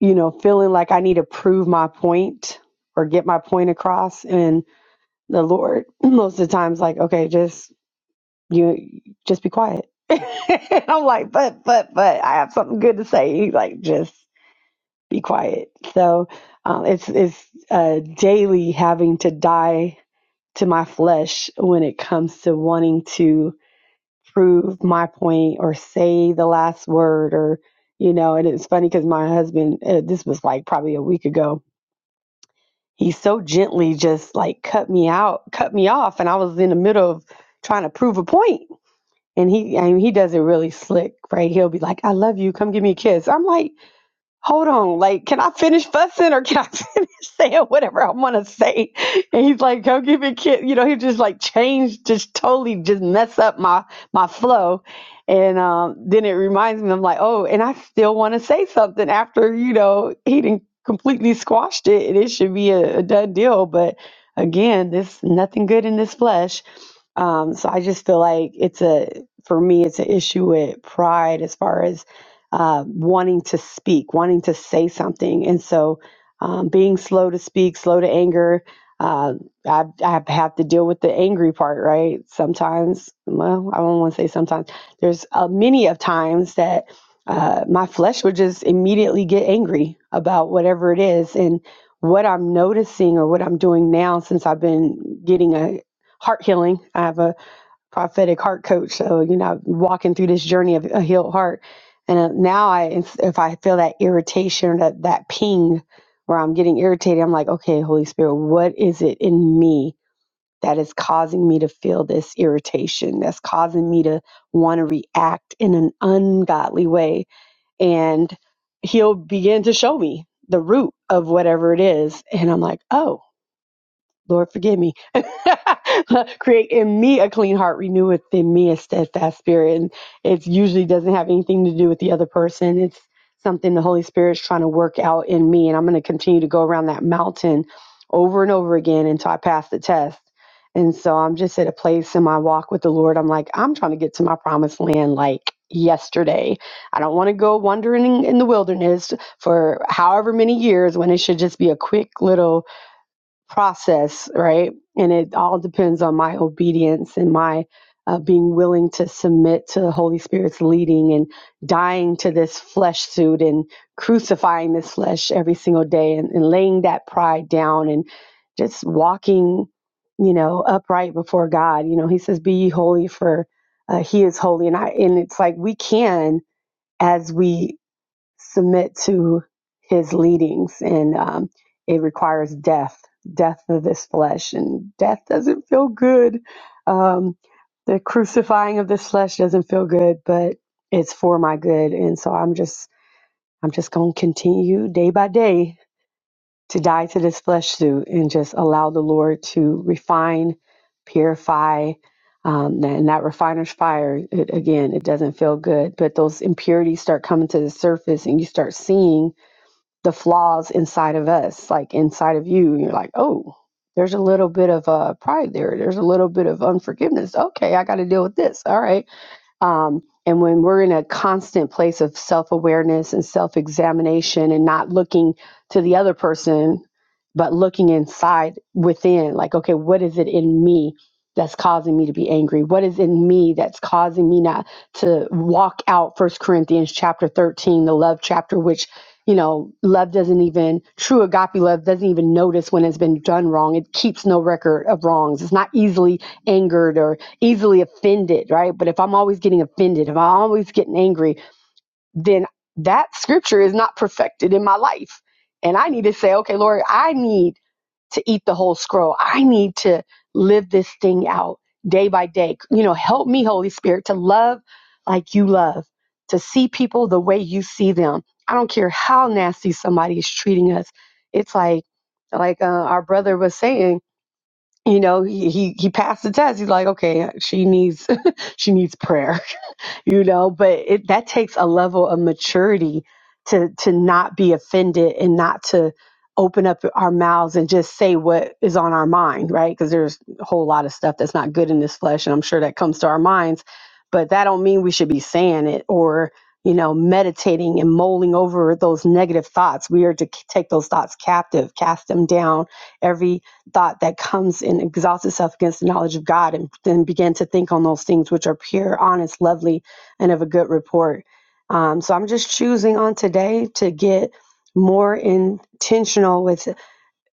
[SPEAKER 7] you know, feeling like I need to prove my point or get my point across. And the Lord, most of the times, like, okay, just you, just be quiet. And I'm like, but, but, but, I have something good to say. He's like, just be quiet. So um, it's it's uh, daily having to die to my flesh when it comes to wanting to prove my point or say the last word or you know. And it's funny because my husband, uh, this was like probably a week ago he so gently just like cut me out, cut me off, and I was in the middle of trying to prove a point. And he, I mean, he does it really slick, right? He'll be like, "I love you, come give me a kiss." I'm like, hold on, like, can I finish fussing or can I finish saying whatever I want to say? And he's like, go give me kid. You know, he just like changed, just totally just mess up my, my flow. And um, then it reminds me, I'm like, oh, and I still want to say something after, you know, he didn't completely squashed it and it should be a, a done deal. But again, this nothing good in this flesh. Um, so I just feel like it's a, for me, it's an issue with pride as far as uh, wanting to speak, wanting to say something. And so um, being slow to speak, slow to anger. Uh, I, I have to deal with the angry part, right? Sometimes, well, I don't want to say sometimes. There's uh, many of times that uh, my flesh would just immediately get angry about whatever it is. And what I'm noticing or what I'm doing now since I've been getting a heart healing, I have a prophetic heart coach. So, you know, walking through this journey of a healed heart. And uh, now I, if I feel that irritation or that, that ping where I'm getting irritated, I'm like, okay, Holy Spirit, what is it in me that is causing me to feel this irritation? That's causing me to want to react in an ungodly way. And he'll begin to show me the root of whatever it is. And I'm like, oh, Lord, forgive me. Create in me a clean heart, renew within me a steadfast spirit. And it usually doesn't have anything to do with the other person. It's something the Holy Spirit's trying to work out in me. And I'm going to continue to go around that mountain over and over again until I pass the test. And so I'm just at a place in my walk with the Lord. I'm like, I'm trying to get to my promised land like yesterday. I don't want to go wandering in the wilderness for however many years when it should just be a quick little process, right? And it all depends on my obedience and my uh, being willing to submit to the Holy Spirit's leading and dying to this flesh suit and crucifying this flesh every single day and, and laying that pride down and just walking, you know, upright before God. You know, He says, "Be ye holy, for uh, He is holy." And I and it's like we can as we submit to his leadings and um, it requires death death of this flesh and death doesn't feel good um, the crucifying of this flesh doesn't feel good but it's for my good and so i'm just i'm just going to continue day by day to die to this flesh suit and just allow the lord to refine purify um, and that refiner's fire it, again it doesn't feel good but those impurities start coming to the surface and you start seeing the flaws inside of us, like inside of you. And you're like, oh, there's a little bit of uh, pride there. There's a little bit of unforgiveness. Okay, I got to deal with this. All right. Um, and when we're in a constant place of self awareness and self examination and not looking to the other person, but looking inside within, like, okay, what is it in me that's causing me to be angry? What is in me that's causing me not to walk out First Corinthians chapter 13, the love chapter, which you know, love doesn't even, true agape love doesn't even notice when it's been done wrong. It keeps no record of wrongs. It's not easily angered or easily offended, right? But if I'm always getting offended, if I'm always getting angry, then that scripture is not perfected in my life. And I need to say, okay, Lord, I need to eat the whole scroll. I need to live this thing out day by day. You know, help me, Holy Spirit, to love like you love, to see people the way you see them. I don't care how nasty somebody is treating us. It's like, like uh, our brother was saying, you know he he, he passed the test he's like okay she needs she needs prayer you know but it that takes a level of maturity to to not be offended and not to open up our mouths and just say what is on our mind right because there's a whole lot of stuff that's not good in this flesh and i'm sure that comes to our minds but that don't mean we should be saying it or you know meditating and mulling over those negative thoughts we are to k- take those thoughts captive cast them down every thought that comes and exalts itself against the knowledge of god and then begin to think on those things which are pure honest lovely and of a good report. Um, so I'm just choosing on today to get more intentional with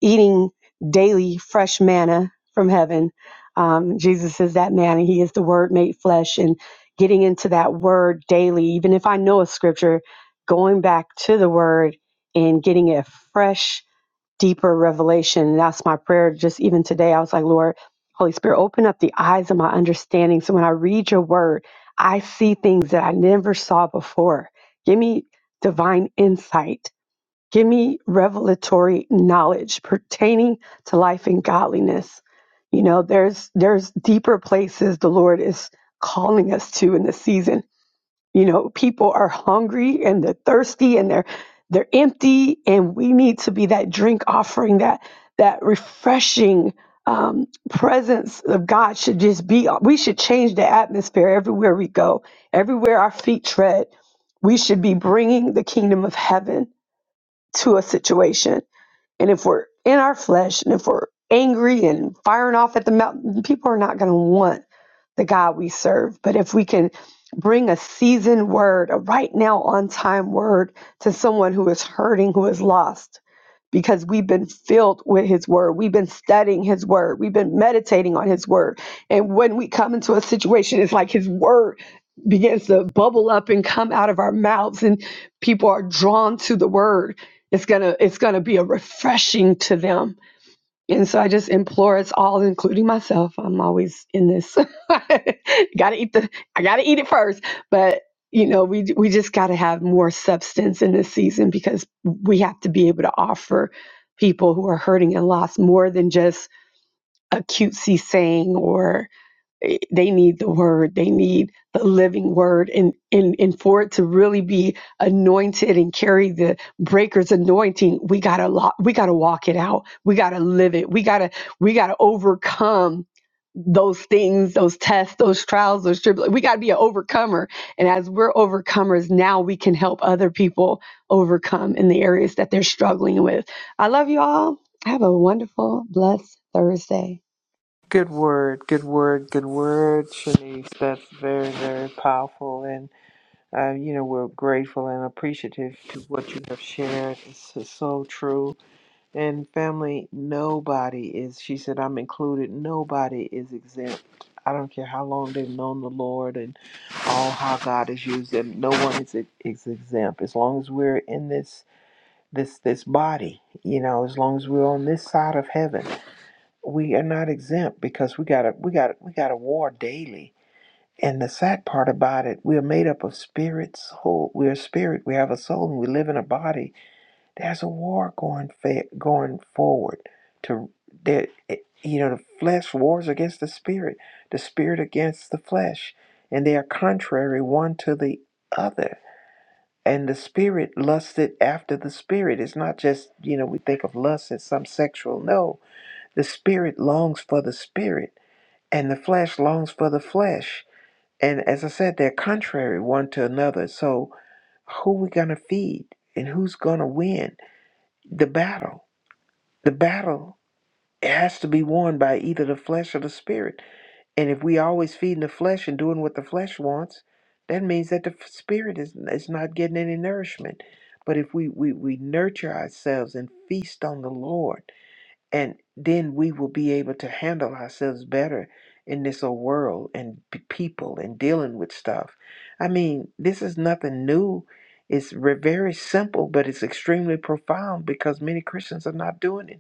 [SPEAKER 7] eating daily fresh manna from heaven. Um, Jesus is that man, and He is the Word made flesh, and getting into that Word daily, even if I know a scripture, going back to the Word and getting it fresh deeper revelation. And that's my prayer. Just even today, I was like, Lord, Holy Spirit, open up the eyes of my understanding. So when I read your word, I see things that I never saw before. Give me divine insight. Give me revelatory knowledge pertaining to life and godliness. You know, there's there's deeper places the Lord is calling us to in this season you know, people are hungry and they're thirsty and they're they're empty, and we need to be that drink offering, that that refreshing um, presence of God should just be. We should change the atmosphere everywhere we go, everywhere our feet tread. We should be bringing the kingdom of heaven to a situation and if we're in our flesh and if we're angry and firing off at the mountain, people are not going to want the God we serve. But if we can bring a seasoned word, a right now on time word to someone who is hurting, who is lost, because we've been filled with his word. We've been studying his word. We've been meditating on his word. And when we come into a situation, it's like his word begins to bubble up and come out of our mouths and people are drawn to the word. It's going to it's going to be a refreshing to them and so I just implore us all, including myself. I'm always in this. gotta eat the. I gotta eat it first. But you know, we we just gotta have more substance in this season because we have to be able to offer people who are hurting and lost more than just a cutesy saying or they need the word they need the living word and and and for it to really be anointed and carry the breakers anointing we gotta lo- we gotta walk it out we gotta live it we gotta we gotta overcome those things those tests those trials those tribulations we gotta be an overcomer and as we're overcomers now we can help other people overcome in the areas that they're struggling with i love you all have a wonderful blessed thursday
[SPEAKER 4] Good word, good word, good word, Shanice. That's very, very powerful. And, uh, you know, we're grateful and appreciative to what you have shared. This is so true. And family, nobody is, she said, I'm included, nobody is exempt. I don't care how long they've known the Lord and all how God has used them. No one is, is exempt. As long as we're in this this this body, you know, as long as we're on this side of heaven, we are not exempt because we got a we got we got a war daily. And the sad part about it, we are made up of spirit, soul. We are spirit. We have a soul, and we live in a body there's a war going fa- going forward. To that, eh, you know, the flesh wars against the spirit, the spirit against the flesh, and they are contrary one to the other. And the spirit lusted after the spirit. It's not just you know we think of lust as some sexual. No, the spirit longs for the spirit, and the flesh longs for the flesh. And as I said, they're contrary one to another. So who we gonna feed, and who's gonna win the battle? The battle has to be won by either the flesh or the spirit. And if we always feeding the flesh and doing what the flesh wants, that means that the f- spirit is, is not getting any nourishment. But if we, we, we nurture ourselves and feast on the Lord, and then we will be able to handle ourselves better in this old world and p- people and dealing with stuff. I mean, this is nothing new. It's re- very simple, but it's extremely profound because many Christians are not doing it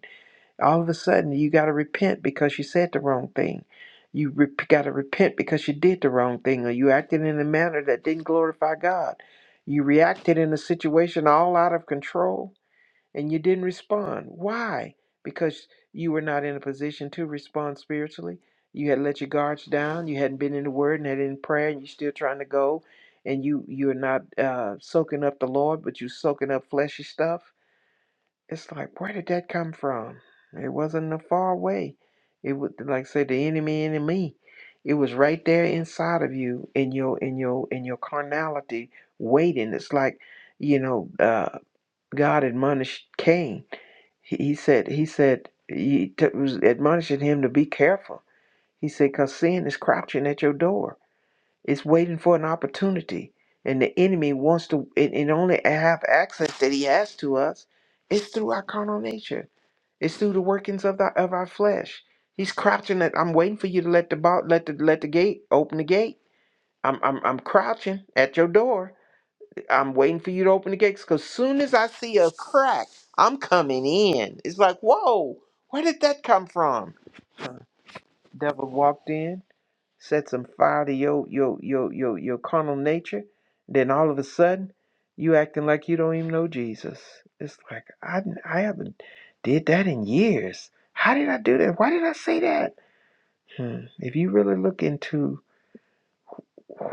[SPEAKER 4] all of a sudden you got to repent because you said the wrong thing you re- got to repent because you did the wrong thing or you acted in a manner that didn't glorify god you reacted in a situation all out of control and you didn't respond why because you were not in a position to respond spiritually you had let your guards down you hadn't been in the word and had in prayer and you're still trying to go and you you're not uh, soaking up the lord but you're soaking up fleshy stuff it's like where did that come from? It wasn't a far away. It would like say the enemy in me. It was right there inside of you in your in your in your carnality waiting. It's like, you know, uh, God admonished Cain. He, he said he said he t- was admonishing him to be careful. He said cuz sin is crouching at your door. It's waiting for an opportunity. And the enemy wants to and, and only have access that he has to us is through our carnal nature it's through the workings of the of our flesh. He's crouching at I'm waiting for you to let the ball let the let the gate open the gate. I'm I'm I'm crouching at your door. I'm waiting for you to open the gates because soon as I see a crack, I'm coming in. It's like, whoa, where did that come from? Devil walked in set some fire to your your your your your carnal nature, then all of a sudden you acting like you don't even know Jesus. It's like I I haven't did that in years. How did I do that? Why did I say that? Hmm. If you really look into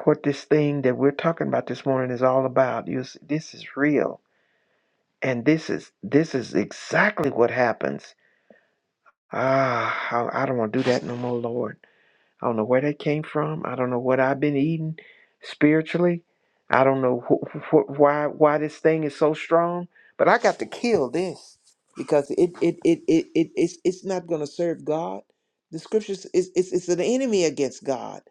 [SPEAKER 4] what this thing that we're talking about this morning is all about, you see, this is real, and this is this is exactly what happens. Ah, I, I don't want to do that no more, Lord. I don't know where that came from. I don't know what I've been eating spiritually. I don't know wh- wh- why why this thing is so strong, but I got to kill this because it it it it, it it's it's not going to serve God. The scriptures is it's, it's an enemy against God.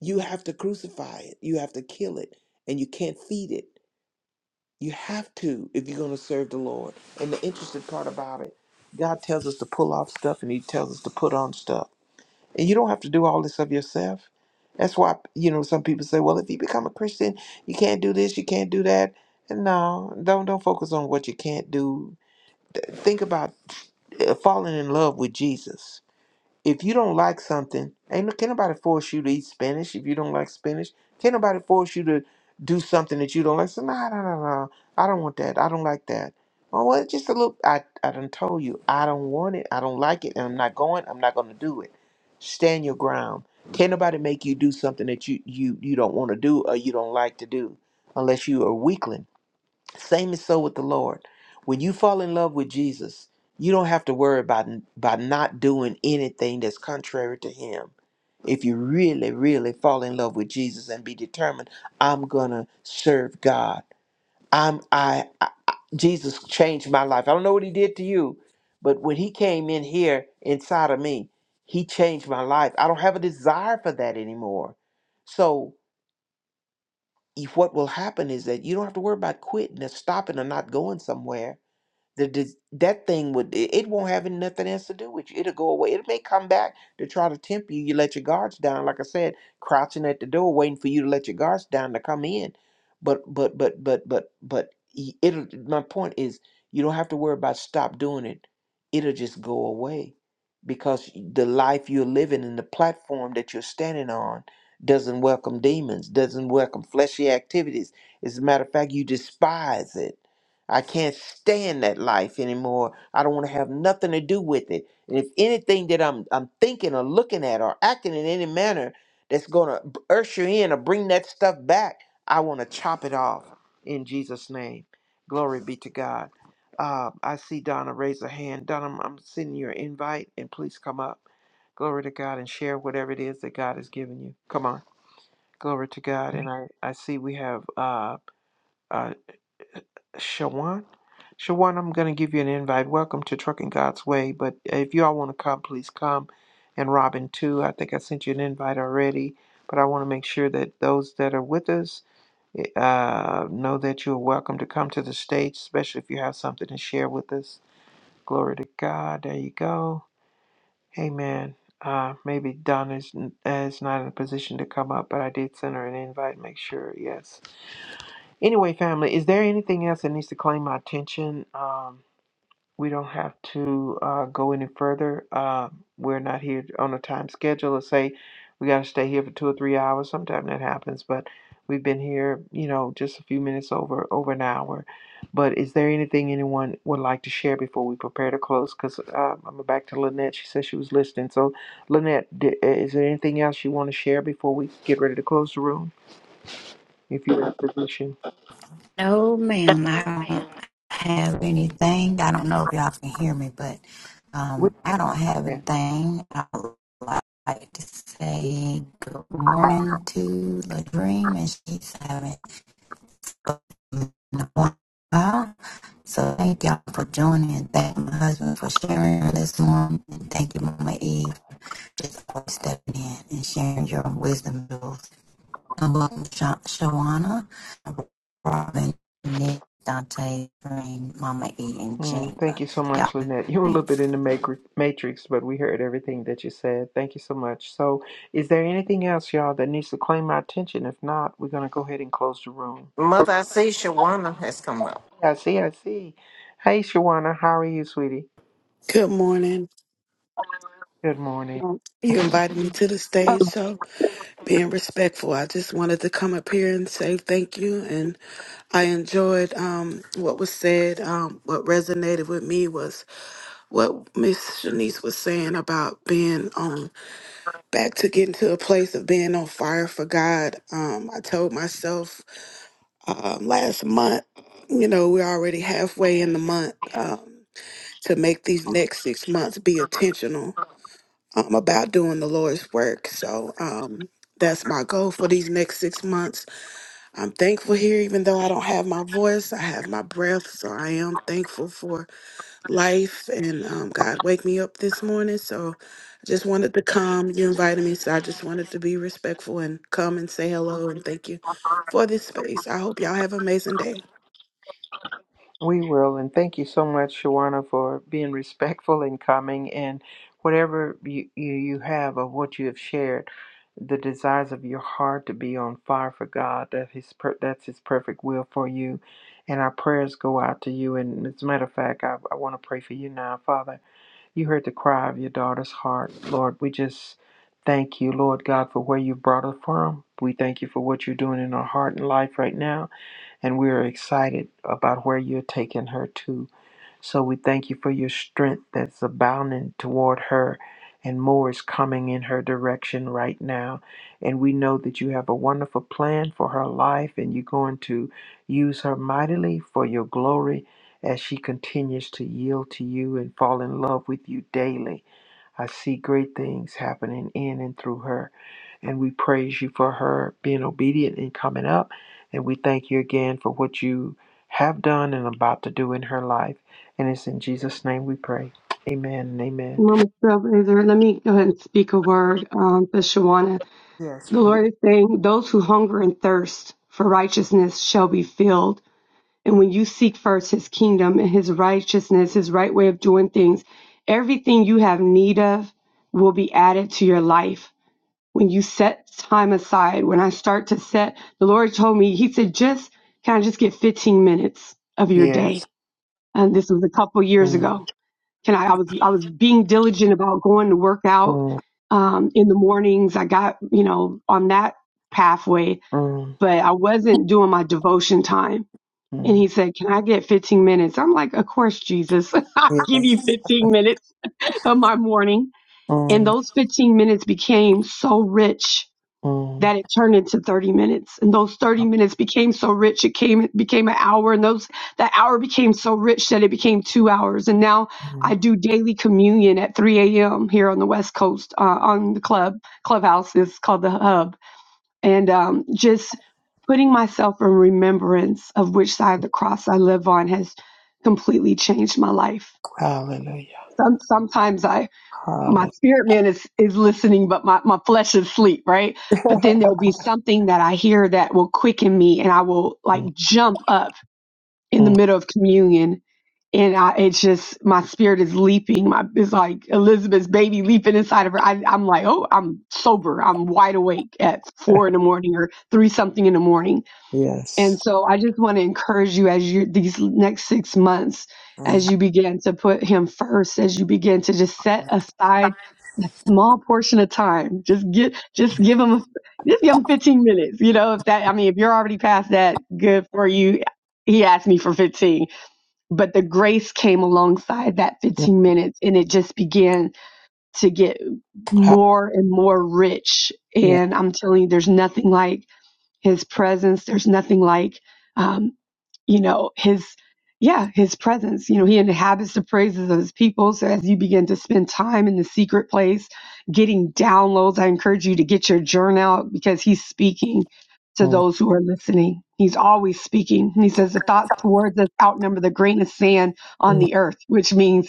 [SPEAKER 4] You have to crucify it. You have to kill it, and you can't feed it. You have to if you're going to serve the Lord. And the interesting part about it, God tells us to pull off stuff, and He tells us to put on stuff. And you don't have to do all this of yourself. That's why, you know, some people say, well, if you become a Christian, you can't do this, you can't do that. And no, don't don't focus on what you can't do. Th- Think about uh, falling in love with Jesus. If you don't like something, ain't no, can't nobody force you to eat spinach if you don't like spinach. Can't nobody force you to do something that you don't like. So nah, nah, nah, nah. I don't want that. I don't like that. Oh well, it's just a little. I I done told you I don't want it. I don't like it, and I'm not going. I'm not going to do it. Stand your ground. Can't nobody make you do something that you you you don't want to do or you don't like to do, unless you are a weakling same is so with the Lord. When you fall in love with Jesus, you don't have to worry about about not doing anything that's contrary to Him. If you really, really fall in love with Jesus and be determined, I'm gonna serve God. I'm I, I, I Jesus changed my life. I don't know what He did to you, but when He came in here inside of me, He changed my life. I don't have a desire for that anymore. So if what will happen is that you don't have to worry about quitting or stopping or not going somewhere the dis- that thing would it, it won't have nothing else to do with you. It'll go away. It may come back to try to tempt you. You let your guards down, like I said, crouching at the door, waiting for you to let your guards down to come in. But but but but but but y- it'll. My point is, you don't have to worry about stop doing it. It'll just go away because the life you're living and the platform that you're standing on doesn't welcome demons, doesn't welcome fleshy activities. As a matter of fact, you despise it I can't stand that life anymore. I don't want to have nothing to do with it. And if anything that I'm I'm thinking or looking at or acting in any manner that's going to usher in or bring that stuff back, I want to chop it off in Jesus' name. Glory be to God. Uh, I see Donna raise her hand. Donna, I'm, I'm sending your invite, and please come up. Glory to God and share whatever it is that God has given you. Come on. Glory to God. And I, I see we have uh, uh, Shawan. Shawan, I'm going to give you an invite. Welcome to Trucking God's Way. But if you all want to come, please come. And Robin, too. I think I sent you an invite already. But I want to make sure that those that are with us eh, uh, know that you're welcome to come to the stage, especially if you have something to share with us. Glory to God. There you go. Amen. Uh, maybe Donna is, is not in a position to come up, but I did send her an invite. Make sure, yes. Anyway, family, is there anything else that needs to claim my attention? Um, we don't have to uh, go any further. Um, we're not here on a time schedule or say we got to stay here for two or three hours. Sometimes that happens, but we've been here, you know, just a few minutes over over an hour. But is there anything anyone would like to share before we prepare to close? Because uh, I'm back to Lynette. She said she was listening. So, Lynette, d- is there anything else you want to share before we get ready to close the room? If you're in a position.
[SPEAKER 1] No, ma'am. I don't have anything. I don't know if y'all can hear me, but um, I don't have anything. I would like to say good morning to Ladream, and she's having spoken in a while. So thank y'all for joining, and thank my husband for sharing this morning, and thank you, Mama Eve, for just always stepping in and sharing your wisdom. Along with Shawana, Robin, Nick, Dante, Green, Mama E, and
[SPEAKER 4] Mm, thank
[SPEAKER 1] Gina.
[SPEAKER 4] you so much, Lynette. You were a
[SPEAKER 1] all
[SPEAKER 4] little bit in the macri- matrix, but we heard everything that you said. Thank you so much. So, is there anything else, y'all, that needs to claim my attention? If not, we're going to go ahead and close the room.
[SPEAKER 3] Mother, I see Shawana has come up.
[SPEAKER 4] I see, I see. Hey, Shawana, how are you, sweetie?
[SPEAKER 8] Good morning.
[SPEAKER 4] Good morning.
[SPEAKER 8] Um, you invited me to the stage, so being respectful, I just wanted to come up here and say thank you. And I enjoyed um, what was said. Um, what resonated with me was what Miss Shanice was saying about being um, back to getting to a place of being on fire for God. Um, I told myself um, last month, you know, we're already halfway in the month um, to make these next six months be intentional um, about doing the Lord's work. So um, that's my goal for these next six months. I'm thankful here, even though I don't have my voice, I have my breath. So I am thankful for life and um, God wake me up this morning. So I just wanted to come. You invited me, so I just wanted to be respectful and come and say hello and thank you for this space. I hope y'all have an amazing day.
[SPEAKER 4] We will, and thank you so much, Shawana, for being respectful and coming and whatever you, you, you have of what you have shared, the desires of your heart to be on fire for God, that his per- that's His perfect will for you. And our prayers go out to you. And as a matter of fact, I, I want to pray for you now, Father. You heard the cry of your daughter's heart, Lord. We just thank you, Lord God, for where you brought her from. We thank you for what you're doing in her heart and life right now and we're excited about where you're taking her to. So we thank you for your strength that's abounding toward her, and more is coming in her direction right now. And we know that you have a wonderful plan for her life, and you're going to use her mightily for your glory as she continues to yield to you and fall in love with you daily. I see great things happening in and through her. And we praise you for her being obedient and coming up. And we thank you again for what you have done and about to do in her life. And it's in Jesus' name we pray. Amen and amen.
[SPEAKER 7] Moment, Trailblazer, let me go ahead and speak a word um, for Shawana.
[SPEAKER 4] Yes,
[SPEAKER 7] The
[SPEAKER 4] please.
[SPEAKER 7] Lord is saying, Those who hunger and thirst for righteousness shall be filled. And when you seek first his kingdom and his righteousness, his right way of doing things, everything you have need of will be added to your life. When you set time aside, when I start to set, the Lord told me, He said, just kind of just get 15 minutes of your
[SPEAKER 4] Yes.
[SPEAKER 7] day. And this was a couple years
[SPEAKER 4] Mm,
[SPEAKER 7] ago can I, I was I was being diligent about going to work out
[SPEAKER 4] mm,
[SPEAKER 7] um, in the mornings. I got you know on that pathway,
[SPEAKER 4] mm,
[SPEAKER 7] but I wasn't doing my devotion time. And
[SPEAKER 4] mm.
[SPEAKER 7] he said, "Can I get 15 minutes?" I'm like, "Of course, Jesus, I'll give
[SPEAKER 4] Yes.
[SPEAKER 7] you 15 minutes of my morning." And
[SPEAKER 4] Mm,
[SPEAKER 7] those 15 minutes became so rich
[SPEAKER 4] mm,
[SPEAKER 7] that it turned into 30 minutes and those 30 minutes became so rich it came became an hour and those that hour became so rich that it became two hours and now i
[SPEAKER 4] mm.
[SPEAKER 7] do daily communion at 3 a.m here on the west coast uh, on the club clubhouse is called the hub and um, just putting myself in remembrance of which side of the cross i live on has completely changed my life
[SPEAKER 4] Hallelujah.
[SPEAKER 7] Some, sometimes i my
[SPEAKER 4] Hallelujah.
[SPEAKER 7] spirit man is is listening but my, my flesh is asleep right but then there'll be something that i hear that will quicken me and i will like
[SPEAKER 4] Mm,
[SPEAKER 7] jump up in the
[SPEAKER 4] mm.
[SPEAKER 7] middle of communion and I, it's just my spirit is leaping. My it's like Elizabeth's baby leaping inside of her. I, I'm like, oh, I'm sober. I'm wide awake at four in the morning or three something in the morning and
[SPEAKER 4] Yes.
[SPEAKER 7] so I just want to encourage you as you these next six months,
[SPEAKER 4] Mm,
[SPEAKER 7] as you begin to put him first, as you begin to just set aside a small portion of time. Just get just give him a, just give him 15 minutes. You know, if that I mean if you're already past that, good for you. He asked me for 15, but the grace came alongside that
[SPEAKER 4] mm.
[SPEAKER 7] 15 minutes and it just began to get
[SPEAKER 4] Ha-
[SPEAKER 7] more and more rich.
[SPEAKER 4] Yes.
[SPEAKER 7] And I'm telling you, there's nothing like his presence. There's nothing like, um, you know, his, yeah, his presence. You know, he inhabits the praises of his people. So as you begin to spend time in the secret place, getting downloads, I encourage you to get your journal out because he's speaking to
[SPEAKER 4] Mm,
[SPEAKER 7] those who are listening. He's always speaking. He says the thoughts towards us outnumber the grain of sand on
[SPEAKER 4] mm.
[SPEAKER 7] the earth, which means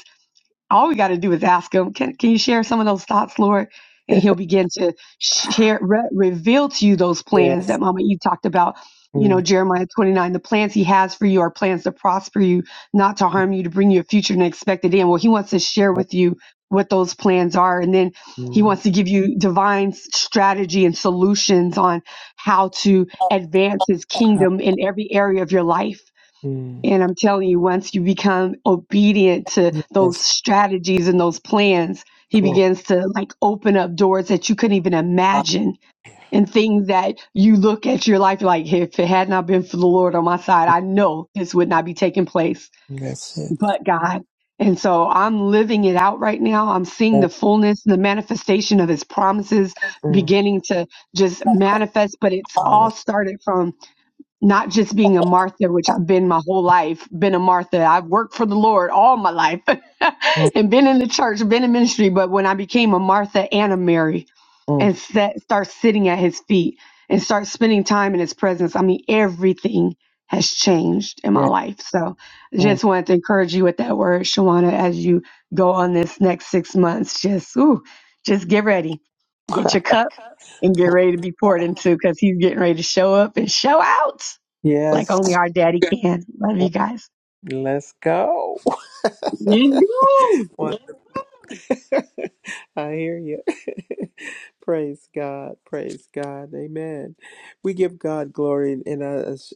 [SPEAKER 7] all we got to do is ask him can, can you share some of those thoughts lord and he'll begin to share re- reveal to you those plans
[SPEAKER 4] Yes.
[SPEAKER 7] that mama you talked about you
[SPEAKER 4] Mm.
[SPEAKER 7] know jeremiah 29 the plans he has for you are plans to prosper you not to harm you to bring you a future and expected end well he wants to share
[SPEAKER 4] Like,
[SPEAKER 7] with you what those plans are and then he
[SPEAKER 4] Mm.
[SPEAKER 7] wants to give you divine s- strategy and solutions on how to advance his
[SPEAKER 4] Ha-
[SPEAKER 7] kingdom in every area of your life
[SPEAKER 4] Mm.
[SPEAKER 7] and I'm telling you, once you become obedient to those
[SPEAKER 4] Yes,
[SPEAKER 7] strategies and those plans, he
[SPEAKER 4] Glory.
[SPEAKER 7] begins to like open up doors that you couldn't even
[SPEAKER 4] ha-
[SPEAKER 7] imagine and things that you look at your life like, "Hey, if it had not been for the Lord on my side,
[SPEAKER 4] mm,
[SPEAKER 7] I know this would not be taking place,
[SPEAKER 4] That's it.
[SPEAKER 7] but God. And so I'm living it out right now. I'm seeing
[SPEAKER 4] yes,
[SPEAKER 7] the fullness, the manifestation of his promises
[SPEAKER 4] mm.
[SPEAKER 7] beginning to just manifest, but it's
[SPEAKER 4] Hallelujah.
[SPEAKER 7] all started from not just being a Martha, which I've been my whole life, been a Martha. I've worked for the Lord all my life and been in the church, been in ministry. But when I became a Martha and a Mary
[SPEAKER 4] Mm.
[SPEAKER 7] and set, start sitting at his feet and start spending time in his presence, I mean, everything has changed in my
[SPEAKER 4] Yes,
[SPEAKER 7] life. So I
[SPEAKER 4] mm.
[SPEAKER 7] just wanted to encourage you with that word, Shawana, as you go on this next six months. Just, ooh, just get ready, get your cup and get ready to be poured into because he's getting ready to show up and show out like
[SPEAKER 4] yes.
[SPEAKER 7] only our daddy can. Love
[SPEAKER 4] Mm,
[SPEAKER 7] you guys.
[SPEAKER 4] Let's go.
[SPEAKER 7] Let's go.
[SPEAKER 4] One I hear you. praise God. Praise God. Amen. We give God glory. And uh,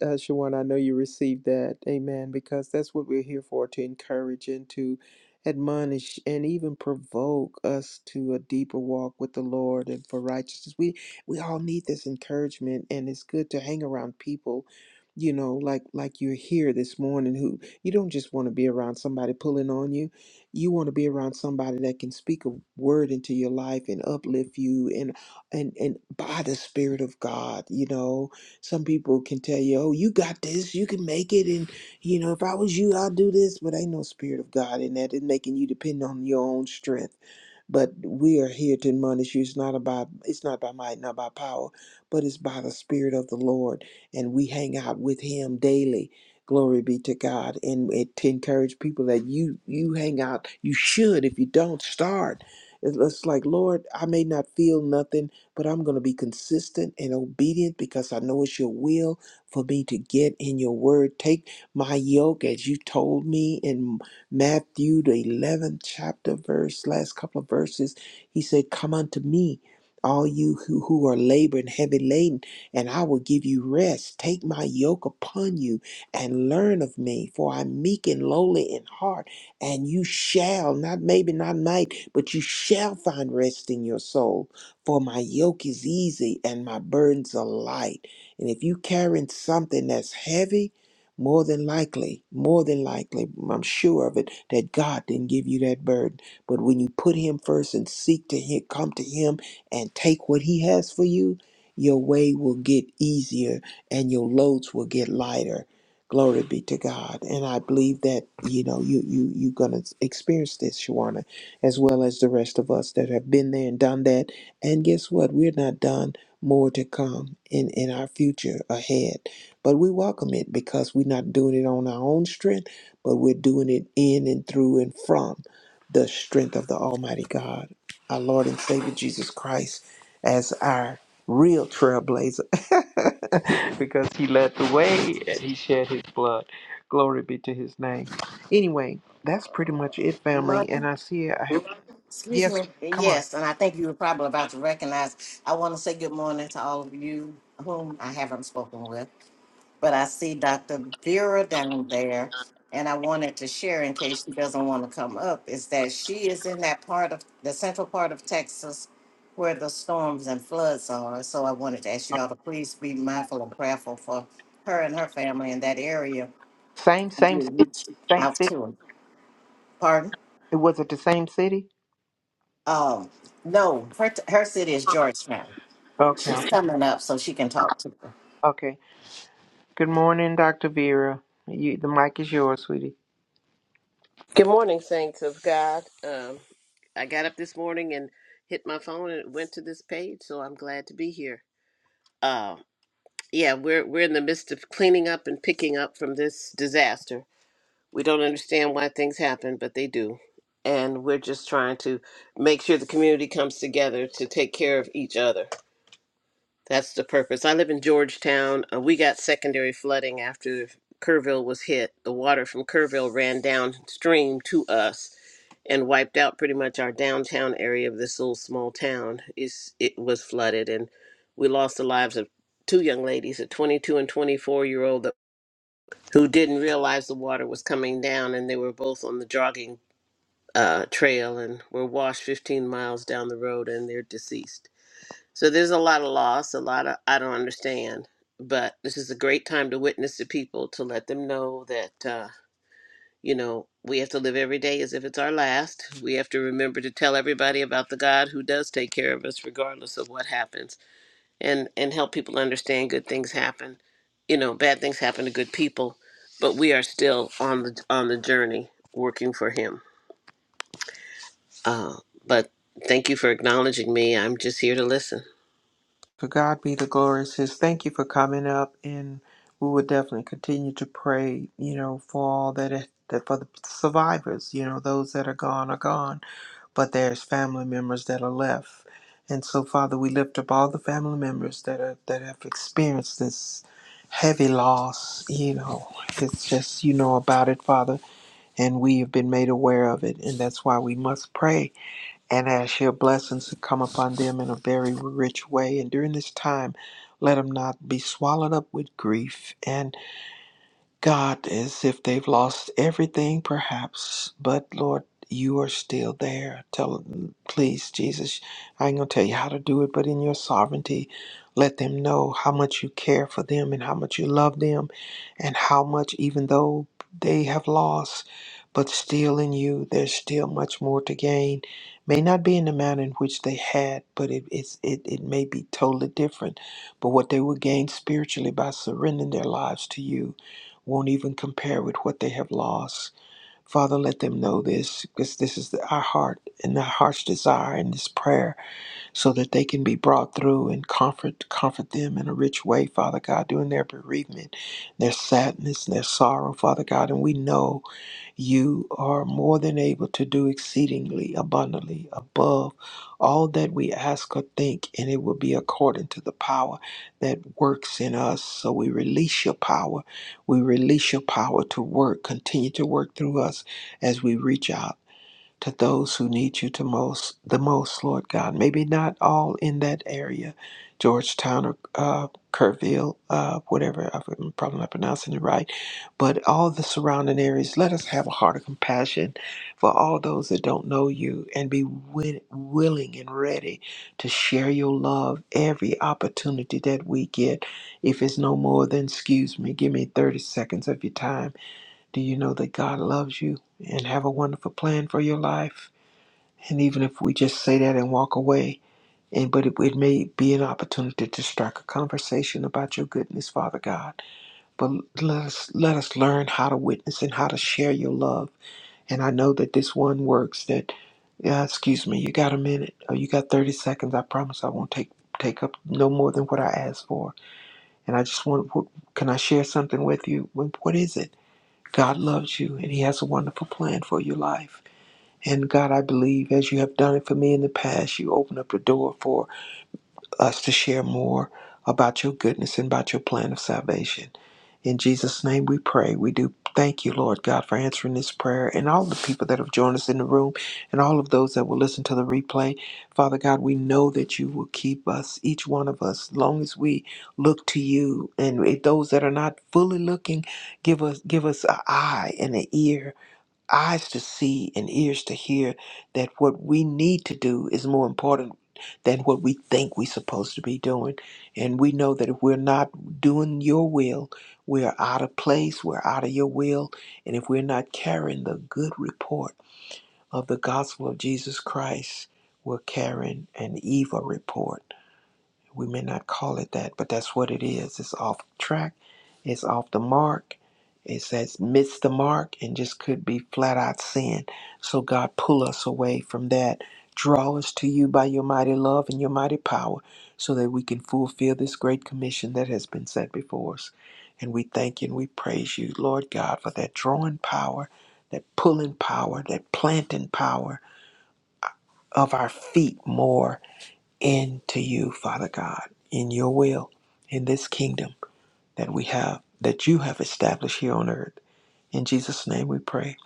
[SPEAKER 4] uh, Shawan, I know you received that. Amen. Because that's what we're here for to encourage and to admonish and even provoke us to a deeper walk with the Lord and for righteousness. We we all need this encouragement and it's good to hang around people you know like like you're here this morning who you don't just want to be around somebody pulling on you you want to be around somebody that can speak a word into your life and uplift you and and and by the spirit of God, you know. Some people can tell you, "Oh, you got this. You can make it and you know, if I was you, I'd do this." But ain't no spirit of God in that. It's making you depend on your own strength but we are here to admonish you. It's not about it's not by might, not by power, but it's by the Spirit of the Lord. And we hang out with Him daily. Glory be to God. And it to encourage people that you you hang out. You should. If you don't, start. It's it's like, Lord, I may not feel nothing, but I'm going to be consistent and obedient because I know it's your will for me to get in your word. Take my yoke as you told me and. Matthew, the 11th chapter, verse, last couple of verses, he said, Come unto me, all you who, who are laboring heavy laden, and I will give you rest. Take my yoke upon you and learn of me, for I'm meek and lowly in heart, and you shall, not maybe, not might, but you shall find rest in your soul. For my yoke is easy and my burdens are light. And if you carrying something that's heavy, more than likely, more than likely, I'm sure of it, that God didn't give you that burden. But when you put Him first and seek to him, come to Him and take what He has for you, your way will get easier and your loads will get lighter. Glory be to God. And I believe that, you know, you, you, you're going to experience this, Shawana, as well as the rest of us that have been there and done that. And guess what? We're not done. More to come in, in our future ahead. But we welcome it because we're not doing it on our own strength, but we're doing it in and through and from the strength of the Almighty God, our Lord and Savior Jesus Christ, as our real trailblazer because he led the way and he shed his blood. Glory be to his name. Anyway, that's pretty much it, family.
[SPEAKER 3] Mother,
[SPEAKER 4] And I see I have,
[SPEAKER 3] excuse me.
[SPEAKER 4] yes, come on.
[SPEAKER 3] Yes, and I think you were probably about to recognize. I want to say good morning to all of you whom I haven't spoken with. but I see Dr. Vera down there, and I wanted to share in case she doesn't want to come up, is that she is in that part of the central part of Texas where the storms and floods are. So I wanted to ask you all to please be mindful and prayerful for her and her family in that area.
[SPEAKER 4] Same,
[SPEAKER 3] And
[SPEAKER 4] same,
[SPEAKER 3] you reach
[SPEAKER 4] same
[SPEAKER 3] out
[SPEAKER 4] city.
[SPEAKER 3] to her. Pardon?
[SPEAKER 4] Was it the same city?
[SPEAKER 3] Um, no, her, her city is Georgetown. She's
[SPEAKER 4] Okay,
[SPEAKER 3] coming up so she can talk to her.
[SPEAKER 4] okay. Good morning, Dr. Vera. You, the mic is yours, sweetie.
[SPEAKER 9] Good morning, saints of God. Um, I got up this morning and hit my phone and it went to this page, so I'm glad to be here. Uh, yeah, we're we're in the midst of cleaning up and picking up from this disaster. We don't understand why things happen, but they do, and we're just trying to make sure the community comes together to take care of each other. That's the purpose. I live in Georgetown. Uh, we got secondary flooding after Kerrville was hit. The water from Kerrville ran downstream to us and wiped out pretty much our downtown area of this little small town. Is it was flooded, and we lost the lives of two young ladies, a 22 and 24 year old, that- who didn't realize the water was coming down, and they were both on the jogging uh, trail and were washed 15 miles down the road, and they're deceased. So there's a lot of loss, a lot of I don't understand, but this is a great time to witness to people to let them know that. Uh, you know, we have to live every day as if it's our last. We have to remember to tell everybody about the God who does take care of us regardless of what happens and and help people understand good things happen. You know, bad things happen to good people, but we are still on the on the journey working for him. Uh, but thank you for acknowledging me. I'm just here to listen.
[SPEAKER 4] To God be the glory. Says thank you for coming up, and we will definitely continue to pray. You know, for all that, that for the survivors. You know, those that are gone are gone, but there's family members that are left, and so Father, we lift up all the family members that are that have experienced this heavy loss. You know, it's just you know about it, Father, and we have been made aware of it, and that's why we must pray and ask your blessings to come upon them in a very rich way. And during this time, let them not be swallowed up with grief. and. God, as if they've lost everything, perhaps, but Lord, you are still there. Tell them, please, Jesus, I ain't gonna tell you how to do it, but in your sovereignty, let them know how much you care for them and how much you love them, and how much, even though they have lost, but still in you, there's still much more to gain. May not be in the manner in which they had, but it, it's, it, it may be totally different. But what they will gain spiritually by surrendering their lives to you won't even compare with what they have lost. Father, let them know this because this is the, our heart and our heart's desire in this prayer so that they can be brought through and comfort comfort them in a rich way, Father God, during their bereavement, their sadness, and their sorrow, Father God. And we know you are more than able to do exceedingly abundantly above all that we ask or think, and it will be according to the power that works in us. So we release your power. We release your power to work, continue to work through us as we reach out to those who need you to most the most, Lord God. Maybe not all in that area, Georgetown or uh, Kerrville, uh, whatever. I'm probably not pronouncing it right, but all the surrounding areas. Let us have a heart of compassion for all those that don't know you, and be wi- willing and ready to share your love every opportunity that we get. If it's no more than excuse me, give me 30 seconds of your time do you know that God loves you and have a wonderful plan for your life? And even if we just say that and walk away, and but it, it may be an opportunity to strike a conversation about your goodness, Father God. But let us let us learn how to witness and how to share your love. And I know that this one works. That uh, excuse me, you got a minute or you got thirty seconds. I promise I won't take take up no more than what I asked for. And I just want, what, can I share something with you? What what is it? God loves you and He has a wonderful plan for your life. And God, I believe as you have done it for me in the past, you open up the door for us to share more about your goodness and about your plan of salvation. In Jesus' name we pray. We do thank you, Lord God, for answering this prayer and all the people that have joined us in the room and all of those that will listen to the replay. Father God, we know that you will keep us, each one of us, long as we look to you. And if those that are not fully looking, give us give us an eye and an ear eyes to see and ears to hear that what we need to do is more important than what we think we're supposed to be doing. And we know that if we're not doing your will, we're out of place, we're out of your will. And if we're not carrying the good report of the gospel of Jesus Christ, we're carrying an evil report. We may not call it that, but that's what it is. It's off track, it's off the mark. It says miss the mark and just could be flat out sin. So God pull us away from that. Draw us to you by your mighty love and your mighty power so that we can fulfill this great commission that has been set before us. And we thank you and we praise you, Lord God, for that drawing power, that pulling power, that planting power of our feet more into you, Father God, in your will, in this kingdom that we have, that you have established here on earth. In Jesus' name we pray.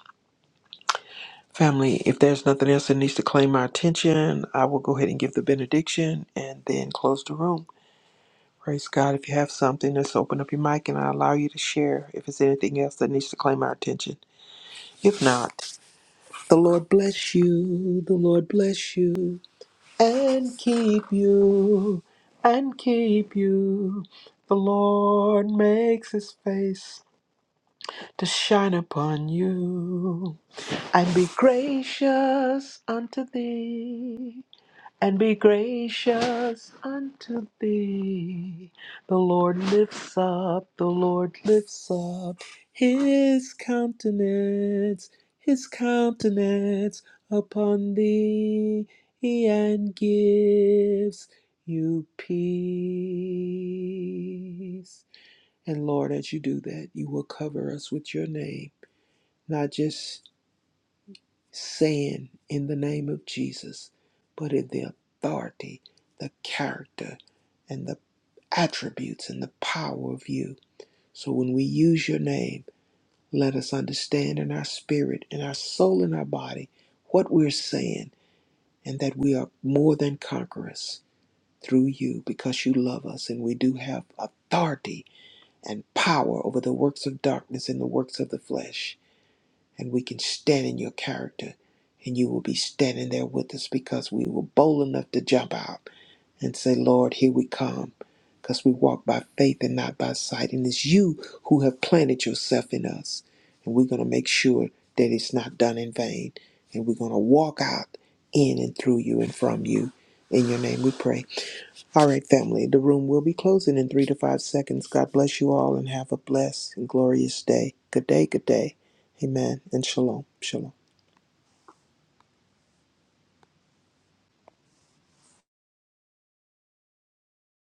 [SPEAKER 4] Family, if there's nothing else that needs to claim our attention, I will go ahead and give the benediction and then close the room. Praise God. If you have something, just open up your mic and I allow you to share if it's anything else that needs to claim our attention. If not, the Lord bless you. The Lord bless you. and keep you, and keep you. The Lord makes his face to shine upon you, and be gracious unto thee and be gracious unto thee. The Lord lifts up, the Lord lifts up his countenance, his countenance upon thee, and gives you peace. And Lord, as you do that, you will cover us with your name, not just saying in the name of Jesus, but in the authority, the character, and the attributes and the power of you. So when we use your name, let us understand in our spirit, in our soul, in our body what we're saying, and that we are more than conquerors through you because you love us and we do have authority and power over the works of darkness and the works of the flesh and we can stand in your character. And you will be standing there with us because we were bold enough to jump out and say, Lord, here we come. Because we walk by faith and not by sight. And it's you who have planted yourself in us. And we're going to make sure that it's not done in vain. And we're going to walk out in and through you and from you. In your name we pray. All right, family, the room will be closing in three to five seconds. God bless you all and have a blessed and glorious day. Good day, good day. Amen. And shalom. Shalom.